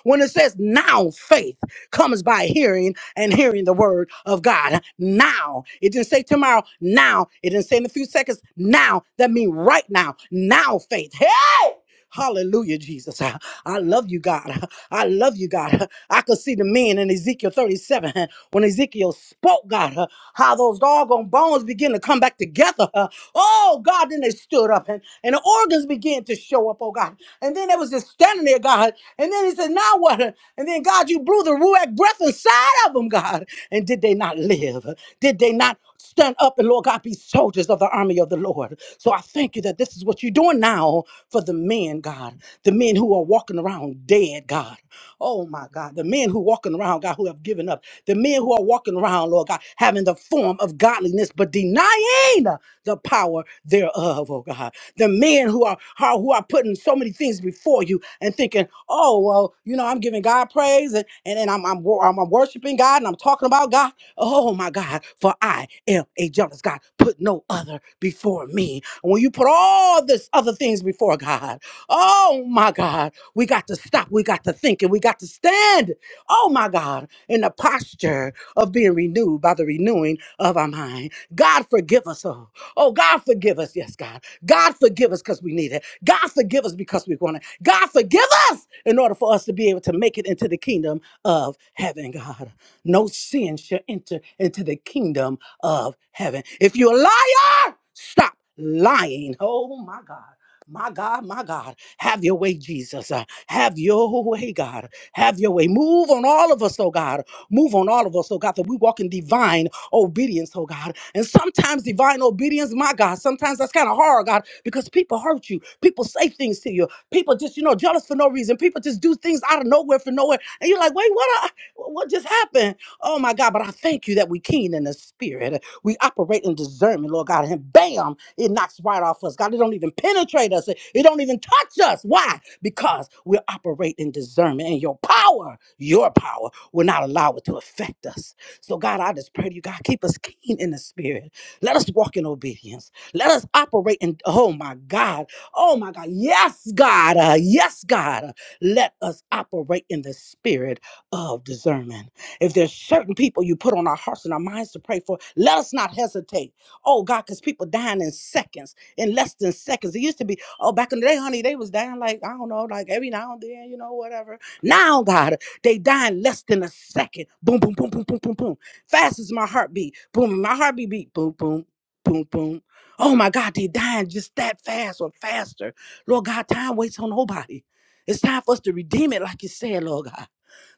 Speaker 4: When it says now faith, comes by hearing and hearing the word of God. Now. It didn't say tomorrow. Now. It didn't say in a few seconds. Now. That means right now. Now faith. Hey! Hallelujah, Jesus. I I love you, God. I love you, God. I could see the men in Ezekiel 37 uh, when Ezekiel spoke, God, uh, how those doggone bones begin to come back together. uh, Oh, God, then they stood up and, and the organs began to show up, oh, God. And then there was this standing standing there, God. And then he said, Now what? And then, God, you blew the Ruach breath inside of them, God. And did they not live? Did they not stand up and, Lord God, be soldiers of the army of the Lord? So I thank you that this is what you're doing now for the men, God. The men who are walking around dead, God. Oh, my God. The men who walking around, God, who have given up. The men who are walking around, Lord God, having the form of godliness, but denying the power thereof, oh God the men who are, are who are putting so many things before you and thinking, oh well, you know, I'm giving God praise and and, and I'm, I'm wor- I'm I'm worshiping God and I'm talking about God. Oh my God, for I am a jealous God. Put no other before me. And when you put all this other things before God, oh my God, we got to stop. We got to think and we got to stand. Oh my God, in the posture of being renewed by the renewing of our mind. God forgive us all. Oh God, forgive us. Yes, God God forgive us because we need it. God forgive us because we want it. God forgive us in order for us to be able to make it into the kingdom of heaven, God. No sin shall enter into the kingdom of heaven. If you're a liar, stop lying. Oh my God. My God, my God, have your way, Jesus. Uh, have your way, God. Have your way. Move on all of us, oh God. Move on all of us, oh God, that we walk in divine obedience, oh God. And sometimes divine obedience, my God, sometimes that's kind of hard, God, because people hurt you. People say things to you. People just, you know, jealous for no reason. People just do things out of nowhere for nowhere. And you're like, wait, what? I, what just happened? Oh my God, but I thank you that we keen in the spirit. We operate in discernment, Lord God. And bam, it knocks right off us. God, it don't even penetrate us. It it don't even touch us. Why? Because we operate in discernment and your power, your power will not allow it to affect us. So, God, I just pray to you, God, keep us keen in the spirit. Let us walk in obedience. Let us operate in, oh my God, oh my God, yes, God, uh, yes, God. uh, let us operate in the spirit of discernment. If there's certain people you put on our hearts and our minds to pray for, let us not hesitate. Oh God, because people dying in seconds, in less than seconds. It used to be, oh, back in the day, honey, they was dying like, I don't know, like every now and then, you know, whatever. Now, God. They die in less than a second. Boom, boom, boom, boom, boom, boom, boom. Fast as my heartbeat. Boom, my heartbeat beat. Boom, boom, boom, boom. Oh my God, they dying just that fast or faster. Lord God, time waits on nobody. It's time for us to redeem it, like you said, Lord God.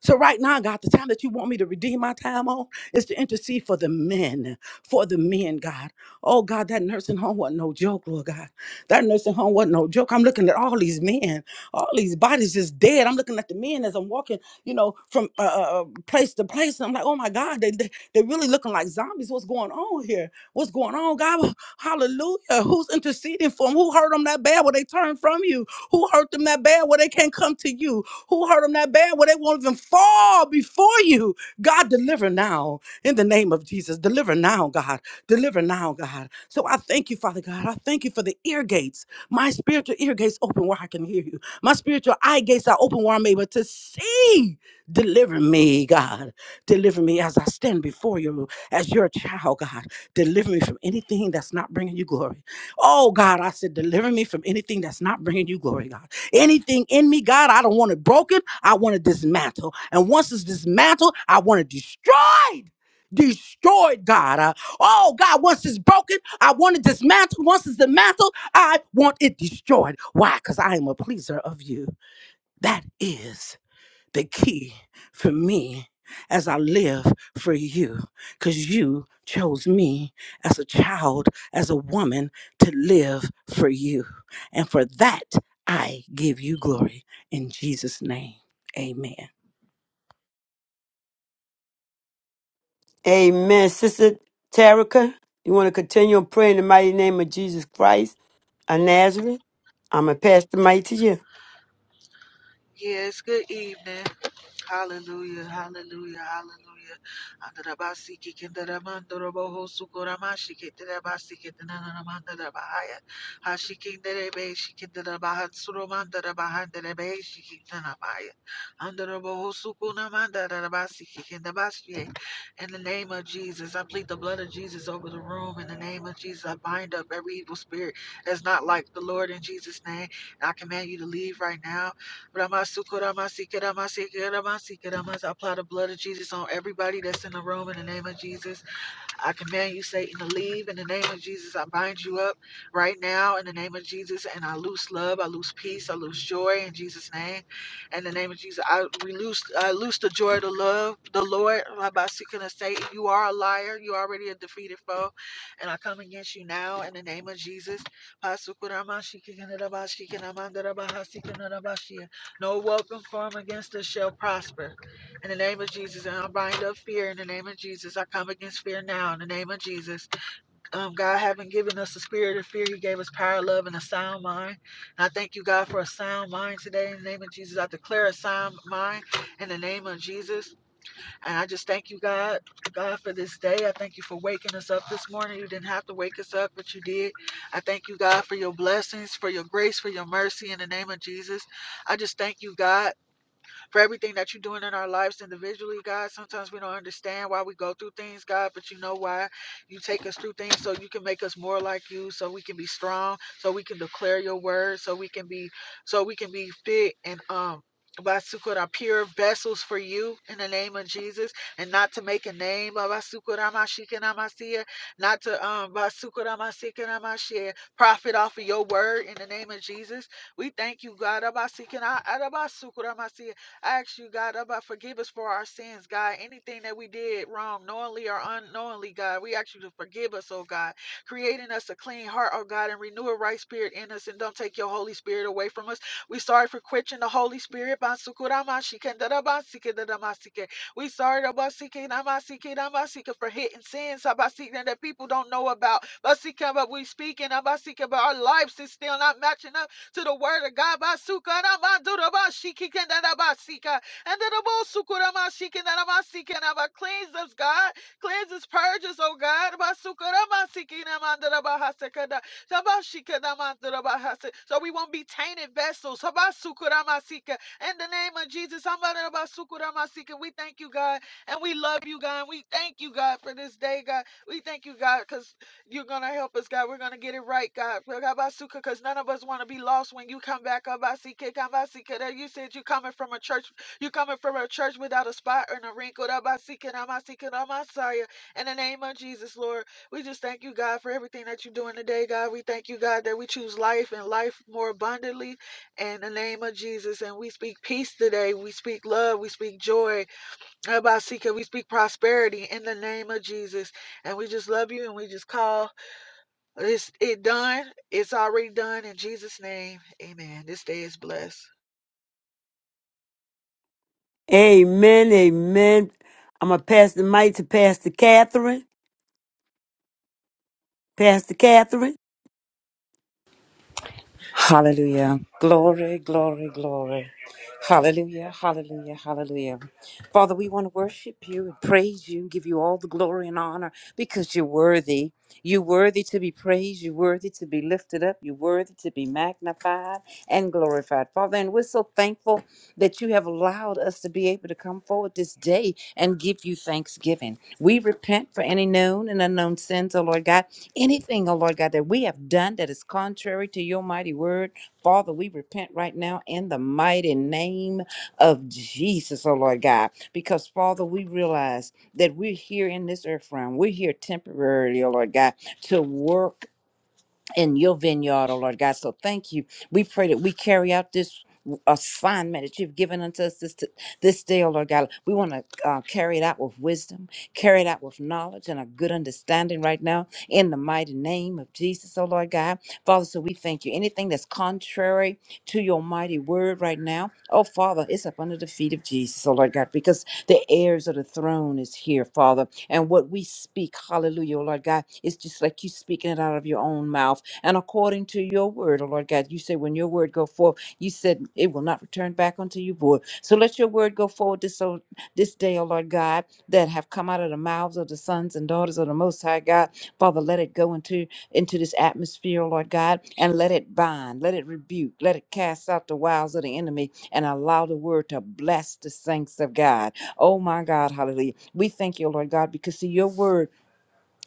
Speaker 4: So right now, God, the time that you want me to redeem my time on is to intercede for the men, for the men, God. Oh God, that nursing home wasn't no joke, Lord God. That nursing home wasn't no joke. I'm looking at all these men, all these bodies just dead. I'm looking at the men as I'm walking you know, from uh, uh, uh, place to place. And I'm like, oh my God, they, they, they're really looking like zombies. What's going on here? What's going on, God? Well, Hallelujah. Who's interceding for them? Who hurt them that bad where they turn from you? Who hurt them that bad where they can't come to you? Who hurt them that bad where they won't even fall before you? God, deliver now in the name of Jesus. Deliver now, God. Deliver now, God. So I thank you, Father God. I thank you for the ear gates. My spiritual ear gates open where I can hear you. My spiritual eye gates are open where I'm able to see. Deliver me, God. Deliver me as I stand before you as your child, God. Deliver me from anything that's not bringing you glory. Oh God, I said, deliver me from anything that's not bringing you glory, God. Anything in me, God, I don't want it broken. I want to dismantle. And once it's dismantled, I want it destroyed. Destroyed, God. Uh, oh God, once it's broken, I want it dismantled. Once it's dismantled, I want it destroyed. Why? Because I am a pleaser of you. That is the key for me as I live for you because you chose me as a child, as a woman to live for you. And for that, I give you glory in Jesus' name. Amen.
Speaker 1: Amen. Sister Terica, you want to continue on praying in the mighty name of Jesus Christ of Nazareth? I'm going to pass the mic to you.
Speaker 5: Yes, good evening. Hallelujah, hallelujah, hallelujah. Andarabasi kikindaramandoroboho sukoramashi kitarabasi kitananamandarabahaya. Hashikindarebe shikindarabahantsuromandarabahantarabe shikintanabaya. Andoroboho sukunamandarabasi kikindabashi. In the name of Jesus, I plead the blood of Jesus over the room. In the name of Jesus, I bind up every evil spirit that's not like the Lord in Jesus' name. And I command you to leave right now Ramasukuramasikiramasikiramasikiramasi. I apply the blood of Jesus on everybody that's in the room in the name of Jesus. I command you, Satan, to leave in the name of Jesus. I bind you up right now in the name of Jesus, and I loose love, I loose peace, I loose joy in Jesus' name. In the name of Jesus, I we loose, I loose the joy, the love, the Lord. By seeking a Satan, you are a liar. You already a defeated foe, and I come against you now in the name of Jesus. No weapon formed against us shall prosper. In the name of Jesus, and I bind up fear in the name of Jesus. I come against fear now in the name of Jesus. Um, God haven't given us the spirit of fear. He gave us power, love, and a sound mind. And I thank you, God, for a sound mind today in the name of Jesus. I declare a sound mind in the name of Jesus. And I just thank you, God, God, for this day. I thank you for waking us up this morning. You didn't have to wake us up, but you did. I thank you, God, for your blessings, for your grace, for your mercy in the name of Jesus. I just thank you, God for everything that you're doing in our lives individually, God. Sometimes we don't understand why we go through things, God, but you know why you take us through things so you can make us more like you, so we can be strong, so we can declare your word, so we can be so we can be fit and um Basukura, pure vessels for you in the name of Jesus, and not to make a name of Basukura Mashikanamasia, not to um Basukura Masikanamasia, profit off of your word in the name of Jesus. We thank you, God. Abasikana- Arabasukura Masia. I ask you, God, about forgive us for our sins, God. Anything that we did wrong, knowingly or unknowingly, God, we ask you to forgive us, oh God. Create in us a clean heart, oh God, and renew a right spirit in us, and don't take your Holy Spirit away from us. We sorry for quenching the Holy Spirit. Bansukuramashikandarabansikandaramasike. We sorry Rabasikinamasikinamasikin, for hitting sins Sabasikin, that people don't know about. Basikin, But we speaking about our lives is still not matching up to the word of God. Basuka Ramadurabashikikandarabasika. And then the cleanse us, God. Cleanse us, purge us, oh God. Basuka Ramasikinamandarabahasekada. Sabashikanamandurabahase. So we won't be tainted vessels. Sabasuka Ramasika. In the name of Jesus, Amadurabasuka Ramasika. we thank you, God, and we love you, God. We thank you, God, for this day, God. We thank you, God, because you're going to help us, God. We're going to get it right, God. Because none of us want to be lost when you come back. Kabasike, kabasike. You said you're coming from a church. You're coming from a church without a spot or a wrinkle. Rabasike, namasike, In the name of Jesus, Lord, we just thank you, God, for everything that you're doing today, God. We thank you, God, that we choose life and life more abundantly in the name of Jesus. And we speak peace today. We speak love. We speak joy. Rabasike, We speak prosperity in the name of Jesus. And we just love you and we just call. It's it done. It's already done in Jesus' name. Amen. This day is blessed.
Speaker 1: Amen. Amen. I'm going to pass the mic to Pastor Catherine. Pastor Catherine.
Speaker 6: Hallelujah. Glory, glory, glory. Hallelujah, hallelujah, hallelujah. Father, we want to worship you and praise you, give you all the glory and honor because you're worthy. You're worthy to be praised. You're worthy to be lifted up. You're worthy to be magnified and glorified. Father, and we're so thankful that you have allowed us to be able to come forward this day and give you thanksgiving. We repent for any known and unknown sins, oh Lord God. Anything, oh Lord God, that we have done that is contrary to your mighty word, Father, we repent right now in the mighty name of Jesus, oh Lord God, because Father, we realize that we're here in this earth realm. We're here temporarily, oh Lord God, to work in your vineyard, oh Lord God. So thank you. We pray that we carry out this assignment that you've given unto us this this day, oh Lord God. We want to uh, carry it out with wisdom, carry it out with knowledge and a good understanding right now in the mighty name of Jesus, oh Lord God. Father, so we thank you. Anything that's contrary to your mighty word right now, oh Father, it's up under the feet of Jesus, oh Lord God, because the heirs of the throne is here, Father. And what we speak, hallelujah, oh Lord God, it's just like you speaking it out of your own mouth and according to your word, oh Lord God. You said when your word go forth, you said it will not return back unto you void. So let your word go forward this, oh- this day, oh Lord God, that have come out of the mouths of the sons and daughters of the Most High God. Father, let it go into, into this atmosphere, oh Lord God, and let it bind, let it rebuke, let it cast out the wiles of the enemy and allow the word to bless the saints of God. Oh my God, hallelujah. We thank you, oh, Lord God, because see your word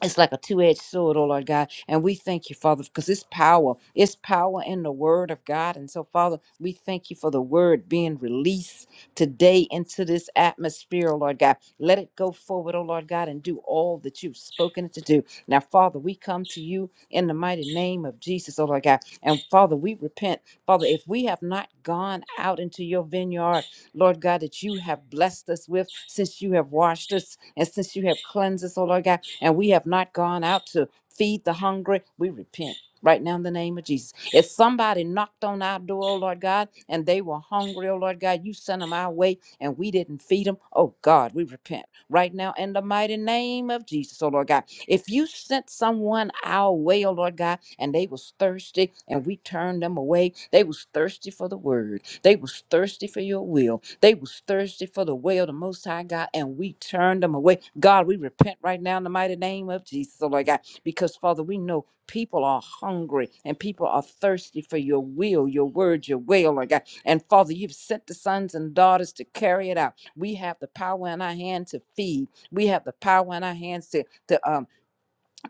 Speaker 6: it's like a two-edged sword, oh Lord God. And we thank you, Father, because it's power. It's power in the word of God. And so, Father, we thank you for the word being released today into this atmosphere, oh Lord God. Let it go forward, oh Lord God, and do all that you've spoken it to do. Now, Father, we come to you in the mighty name of Jesus, oh Lord God. And Father, we repent. Father, if we have not gone out into your vineyard Lord God, that you have blessed us with since you have washed us and since you have cleansed us, oh Lord God, and we have not gone out to feed the hungry. We repent. Right now, in the name of Jesus. If somebody knocked on our door, oh Lord God, and they were hungry, oh Lord God, you sent them our way and we didn't feed them, oh God, we repent. Right now, in the mighty name of Jesus, oh Lord God, if you sent someone our way, oh Lord God, and they was thirsty and we turned them away, they was thirsty for the word. They was thirsty for your will. They was thirsty for the way of the most high God, and we turned them away. God, we repent right now in the mighty name of Jesus, oh Lord God, because Father, we know people are hungry and people are thirsty for your will, your word, your way, oh Lord God. And Father, you've sent the sons and daughters to carry it out. We have the power in our hand to feed. We have the power in our hands to to um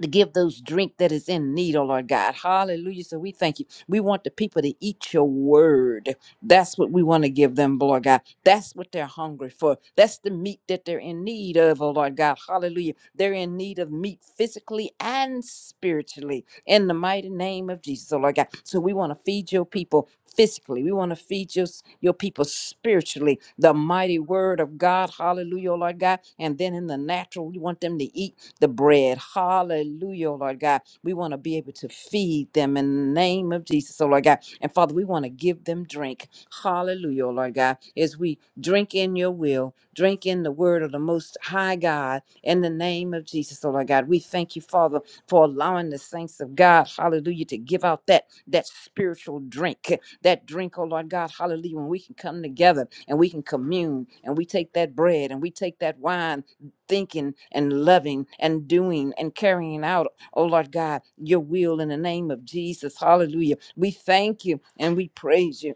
Speaker 6: to give those drink that is in need, oh Lord God. Hallelujah. So we thank you. We want the people to eat your word. That's what we want to give them, Lord God. That's what they're hungry for. That's the meat that they're in need of, oh Lord God. Hallelujah. They're in need of meat physically and spiritually in the mighty name of Jesus, oh Lord God. So we want to feed your people physically. We want to feed your, your people spiritually. The mighty word of God. Hallelujah, oh Lord God. And then in the natural, we want them to eat the bread. Hallelujah, oh Lord God. We want to be able to feed them in the name of Jesus, oh Lord God. And Father, we want to give them drink. Hallelujah, oh Lord God. As we drink in your will, drink in the word of the most high God in the name of Jesus, oh Lord God. We thank you, Father, for allowing the saints of God, hallelujah, to give out that that spiritual drink that drink, oh Lord God, hallelujah, when we can come together and we can commune and we take that bread and we take that wine thinking and loving and doing and carrying out, oh Lord God, your will in the name of Jesus. Hallelujah. We thank you and we praise you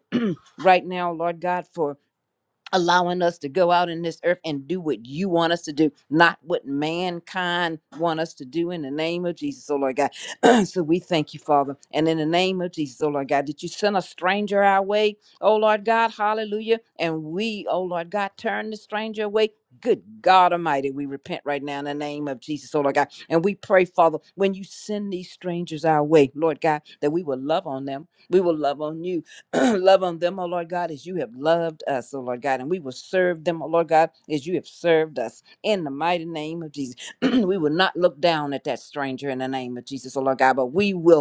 Speaker 6: right now, Lord God, for allowing us to go out in this earth and do what you want us to do, not what mankind want us to do in the name of Jesus, oh Lord God. so we thank you, Father. And in the name of Jesus, oh Lord God, did you send a stranger our way, oh Lord God, hallelujah. And we, oh Lord God, turn the stranger away. Good God Almighty, we repent right now in the name of Jesus, oh Lord God. And we pray, Father, when you send these strangers our way, Lord God, that we will love on them. We will love on you. love on them, O Lord God, as you have loved us, O Lord God. And we will serve them, O Lord God, as you have served us. In the mighty name of Jesus. we will not look down at that stranger in the name of Jesus, O Lord God, but we will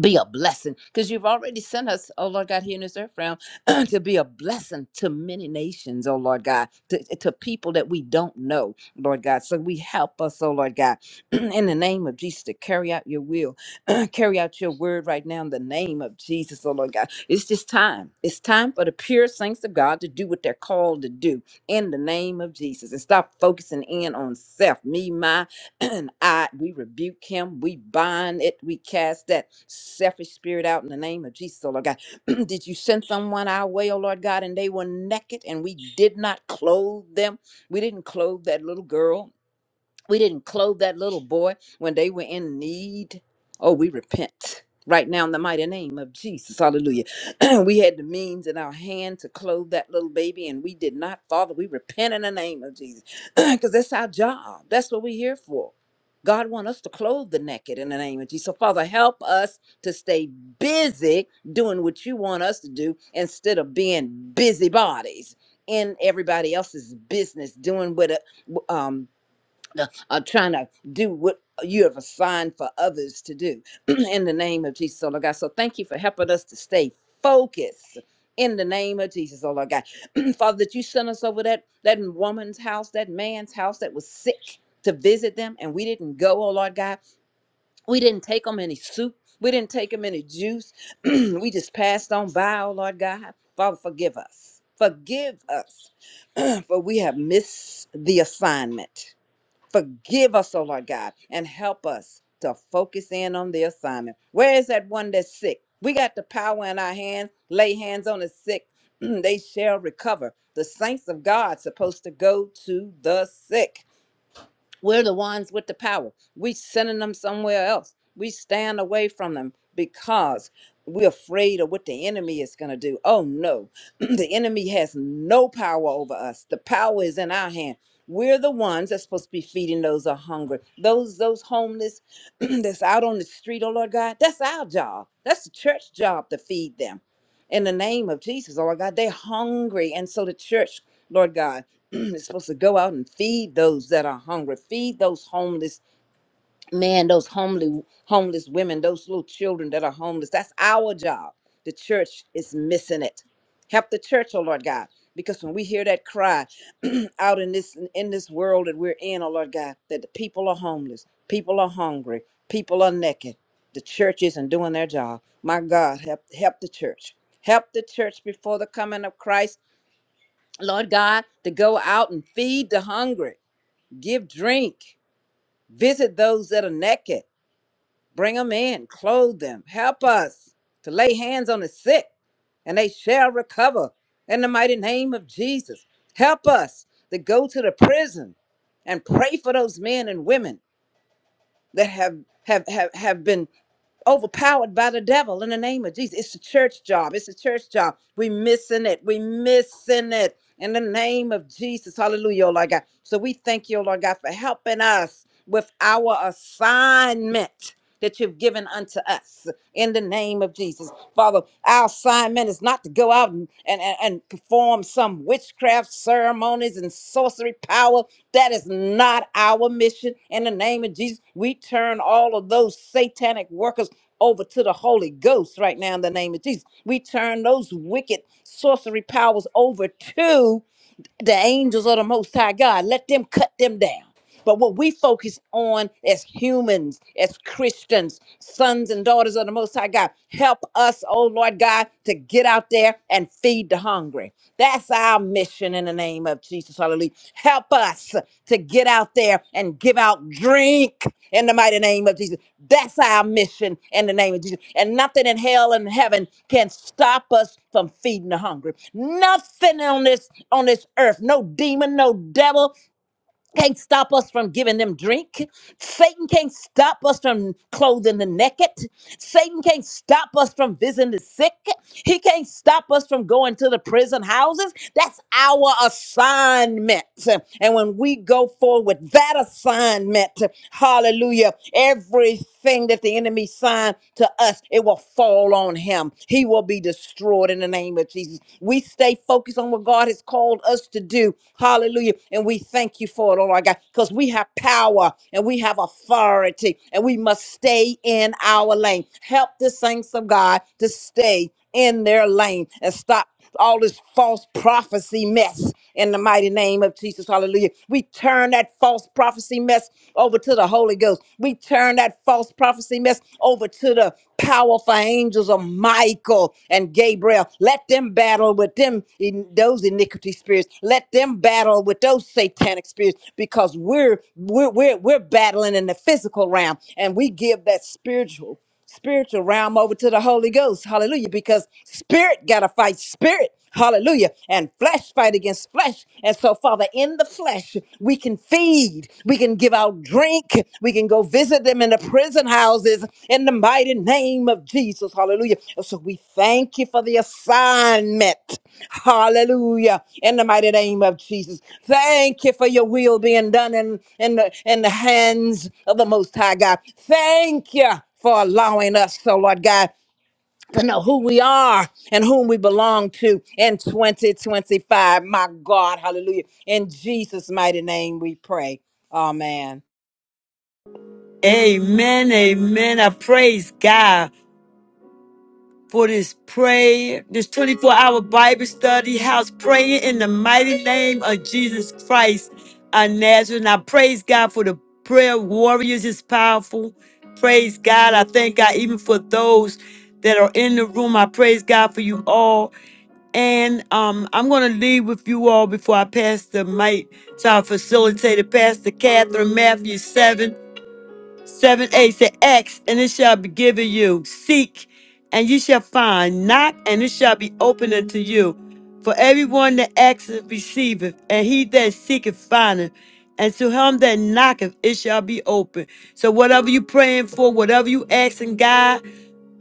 Speaker 6: be a blessing because you've already sent us, oh Lord God, here in this earth realm to be a blessing to many nations, oh Lord God, to, eh, to people that we don't know, Lord God. So we help us, oh Lord God, in the name of Jesus to carry out your will, carry out your word right now in the name of Jesus, oh Lord God. It's just time. It's time for the pure saints of God to do what they're called to do in the name of Jesus and stop focusing in on self, me, my, I we rebuke him, we bind it, we cast that selfish spirit out in the name of Jesus, oh Lord God. did you send someone our way, oh Lord God, and they were naked and we did not clothe them? We didn't clothe that little girl we didn't clothe that little boy when they were in need. Oh, we repent right now in the mighty name of Jesus. Hallelujah. we had the means in our hand to clothe that little baby, and we did not. Father, we repent in the name of Jesus because that's our job. That's what we're here for. God wants us to clothe the naked in the name of Jesus. So, Father, help us to stay busy doing what you want us to do instead of being busybodies in everybody else's business, doing what uh, w- um, the- uh, trying to do what you have assigned for others to do in the name of Jesus, oh Lord God. So thank you for helping us to stay focused in the name of Jesus, oh Lord God. Father, that you sent us over that, that woman's house, that man's house that was sick to visit them, and we didn't go, oh Lord God. We didn't take them any soup. We didn't take them any juice. we just passed on by, oh Lord God. Father, forgive us. Forgive us, for we have missed the assignment Forgive us, O Lord God, and help us to focus in on the assignment. Where is that one that's sick? We got the power in our hands. Lay hands on the sick, they shall recover. The saints of God supposed to go to the sick. We're the ones with the power. We sending them somewhere else. We stand away from them because we're afraid of what the enemy is going to do. Oh no, the enemy has no power over us. The power is in our hand. We're the ones that's supposed to be feeding those who are hungry, those those homeless that's out on the street. Oh Lord God, that's our job. That's the church job to feed them. In the name of Jesus, oh Lord God, they're hungry, and so the church, Lord God. it's supposed to go out and feed those that are hungry, feed those homeless men, those homely homeless women, those little children that are homeless. That's our job. The church is missing it. Help the church, oh Lord God, because when we hear that cry out in this in this world that we're in, oh Lord God, that the people are homeless, people are hungry, people are naked. The church isn't doing their job. My God, help help the church. Help the church before the coming of Christ Lord God, to go out and feed the hungry, give drink, visit those that are naked, bring them in, clothe them, help us to lay hands on the sick, and they shall recover in the mighty name of Jesus. Help us to go to the prison and pray for those men and women that have have have, have been overpowered by the devil in the name of Jesus. It's a church job. It's a church job. We missing it. We missing it in the name of Jesus. Hallelujah, oh Lord God. So we thank you, oh Lord God, for helping us with our assignment that you've given unto us in the name of Jesus. Father, our assignment is not to go out and, and, and and perform some witchcraft ceremonies and sorcery power. That is not our mission. In the name of Jesus, we turn all of those satanic workers over to the Holy Ghost right now in the name of Jesus. We turn those wicked sorcery powers over to the angels of the Most High God. Let them cut them down. But what we focus on as humans, as Christians, sons and daughters of the Most High God, help us, oh Lord God, to get out there and feed the hungry. That's our mission in the name of Jesus. Galilee. Help us to get out there and give out drink in the mighty name of Jesus. That's our mission in the name of Jesus. And nothing in hell and heaven can stop us from feeding the hungry. Nothing on this on this earth, no demon, no devil, can't stop us from giving them drink. Satan can't stop us from clothing the naked. Satan can't stop us from visiting the sick. He can't stop us from going to the prison houses. That's our assignment. And when we go forward with that assignment, hallelujah, everything that the enemy signed to us, it will fall on him. He will be destroyed in the in the name of Jesus. We stay focused on what God has called us to do. Hallelujah. And we thank you for it, oh my God, because we have power and we have authority and we must stay in our lane. Help the saints of God to stay in their lane and stop all this false prophecy mess in the mighty name of Jesus. Hallelujah. We turn that false prophecy mess over to the Holy Ghost. We turn turn that false prophecy mess over to the powerful angels of Michael and Gabriel. Let them battle with them in those iniquity spirits. Let them battle with those satanic spirits because we're we're we're, we're battling in the physical realm and we give that spiritual spiritual realm over to the Holy Ghost. Hallelujah. Because spirit got to fight spirit. Hallelujah. And flesh fight against flesh. And so, Father, in the flesh, we can feed, we can give out drink, we can go visit them in the prison houses in the mighty name of Jesus. Hallelujah. And so, we thank you for the assignment. Hallelujah. In the mighty name of Jesus. Thank you for your will being done in, in, the, in the hands of the Most High God. Thank you for allowing us, so Lord God, to know who we are and whom we belong to in 2025. My God, hallelujah. In Jesus' mighty name we pray. Amen.
Speaker 1: Amen. Amen. I praise God. for this prayer, this 24 hour Bible study house, praying in the mighty name of Jesus Christ of Nazareth. And I praise God for the prayer warriors, it's powerful. Praise God. I thank God even for those that are in the room. I praise God for you all. And um, I'm going to leave with you all before I pass the mic to our facilitator, Pastor Catherine Matthew 7. Seven A said, Ask, and it shall be given you. Seek, and you shall find. Knock, and it shall be opened unto you. For everyone that asketh receiveth, and he that seeketh findeth. And to him that knocketh, it shall be open. So whatever you praying for, whatever you asking God,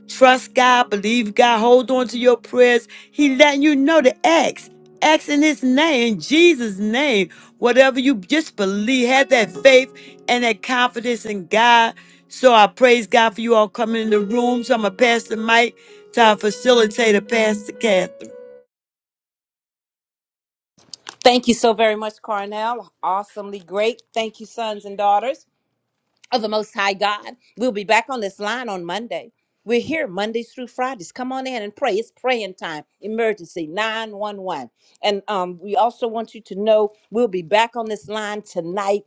Speaker 1: Trust God, believe God, hold on to your prayers. He letting you know to ask. Ask in his name, in Jesus' name. Whatever you just believe, have that faith and that confidence in God. So I praise God for you all coming in the room. So I'm gonna pass the mic to our facilitator, Pastor Catherine.
Speaker 6: Thank you so very much, Carnell. Awesomely great. Thank you, sons and daughters of the Most High God. We'll be back on this line on Monday. We're here Mondays through Fridays. Come on in and pray. It's praying time. Emergency 911. And um, we also want you to know we'll be back on this line tonight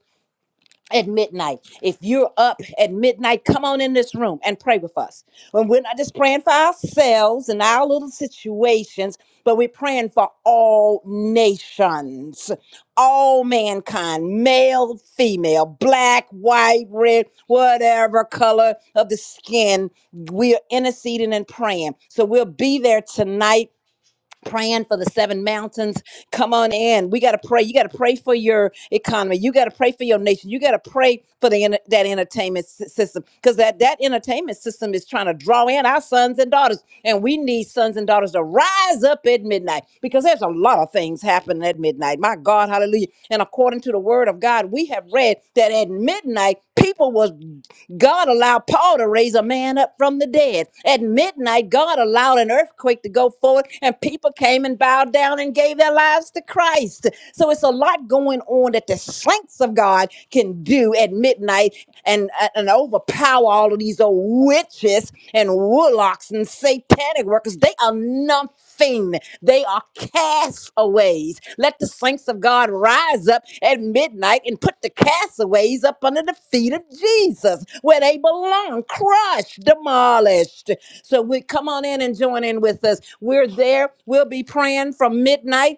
Speaker 6: at midnight. If you're up at midnight, come on in this room and pray with us. And we're not just praying for ourselves and our little situations, but we're praying for all nations, all mankind, male, female, black, white, red, whatever color of the skin. We're interceding and praying. So we'll be there tonight praying for the seven mountains. Come on in. We got to pray. You got to pray for your economy. You got to pray for your nation. You got to pray for the enter- that entertainment sy- system because that that entertainment system is trying to draw in our sons and daughters, and we need sons and daughters to rise up at midnight because there's a lot of things happening at midnight. My God, hallelujah! And according to the Word of God, we have read that at midnight people was God allowed Paul to raise a man up from the dead. At midnight, God allowed an earthquake to go forward, and people came and bowed down and gave their lives to Christ. So it's a lot going on that the saints of God can do at midnight and, and overpower all of these old witches and warlocks and satanic workers. They are nothing nothing. They are castaways. Let the saints of God rise up at midnight and put the castaways up under the feet of Jesus where they belong, crushed, demolished. So we come on in and join in with us. We're there. We'll be praying from midnight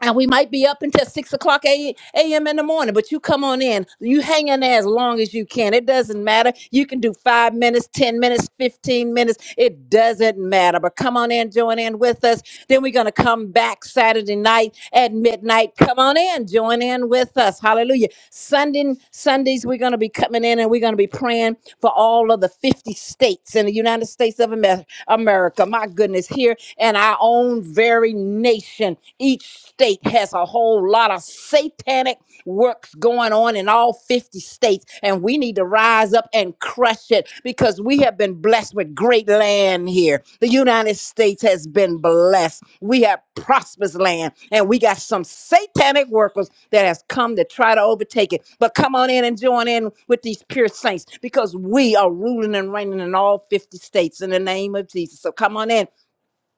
Speaker 6: and we might be up until six o'clock a- a.m. in the morning, but you come on in. You hang in there as long as you can. It doesn't matter. You can do five minutes, 10 minutes, 15 minutes. It doesn't matter. But come on in, join in with us. Then we're going to come back Saturday night at midnight. Come on in, join in with us. Hallelujah. Sunday, Sundays, we're going to be coming in and we're going to be praying for all of the 50 states in the United States of Amer- America. My goodness, here in our own very very nation, each state has a whole lot of satanic works going on in all 50 states, and we need to rise up and crush it because we have been blessed with great land here. The United States has been blessed. We have prosperous land, and we got some satanic workers that has come to try to overtake it. But come on in and join in with these pure saints because we are ruling and reigning in all 50 states in the name of Jesus. So come on in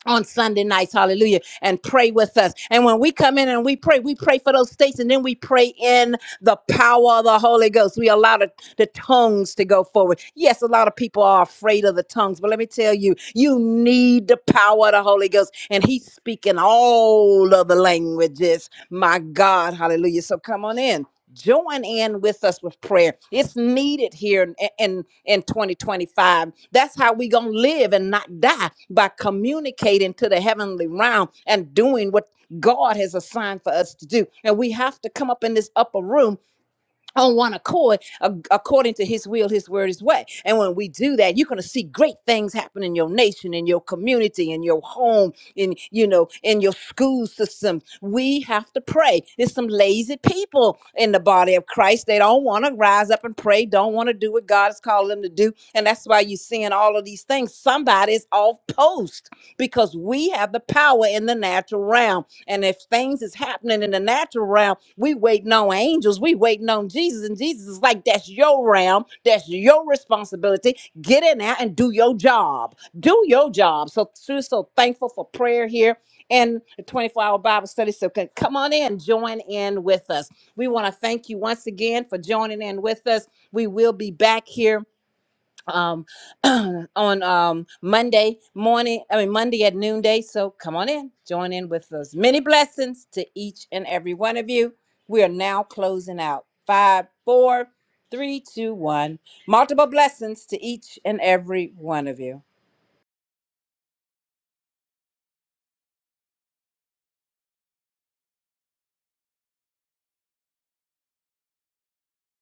Speaker 6: on Sunday nights, hallelujah, and pray with us. And when we come in and we pray, we pray for those states and then we pray in the power of the Holy Ghost. We allow the, the tongues to go forward. Yes, a lot of people are afraid of the tongues, but let me tell you, you need the power of the Holy Ghost, and He's speaking all of the languages. My God, hallelujah. So come on in join in with us with prayer it's needed here in in, in 2025 that's how we gonna live and not die by communicating to the heavenly realm and doing what god has assigned for us to do and we have to come up in this upper room on one accord a- according to his will his word his way and when we do that you're going to see great things happen in your nation in your community in your home in you know in your school system we have to pray there's some lazy people in the body of christ they don't want to rise up and pray don't want to do what god is calling them to do and that's why you're seeing all of these things somebody's off post because we have the power in the natural realm and if things is happening in the natural realm, we waiting on angels, we waiting on Jesus. And Jesus is like, that's your realm, that's your responsibility. Get in there and do your job. Do your job. So so so thankful for prayer here and the 24-hour Bible study. So c- come on in, join in with us. We want to thank you once again for joining in with us. We will be back here um on um monday morning i mean monday at noonday so come on in join in with us many blessings to each and every one of you we are now closing out five four three two one multiple blessings to each and every one of you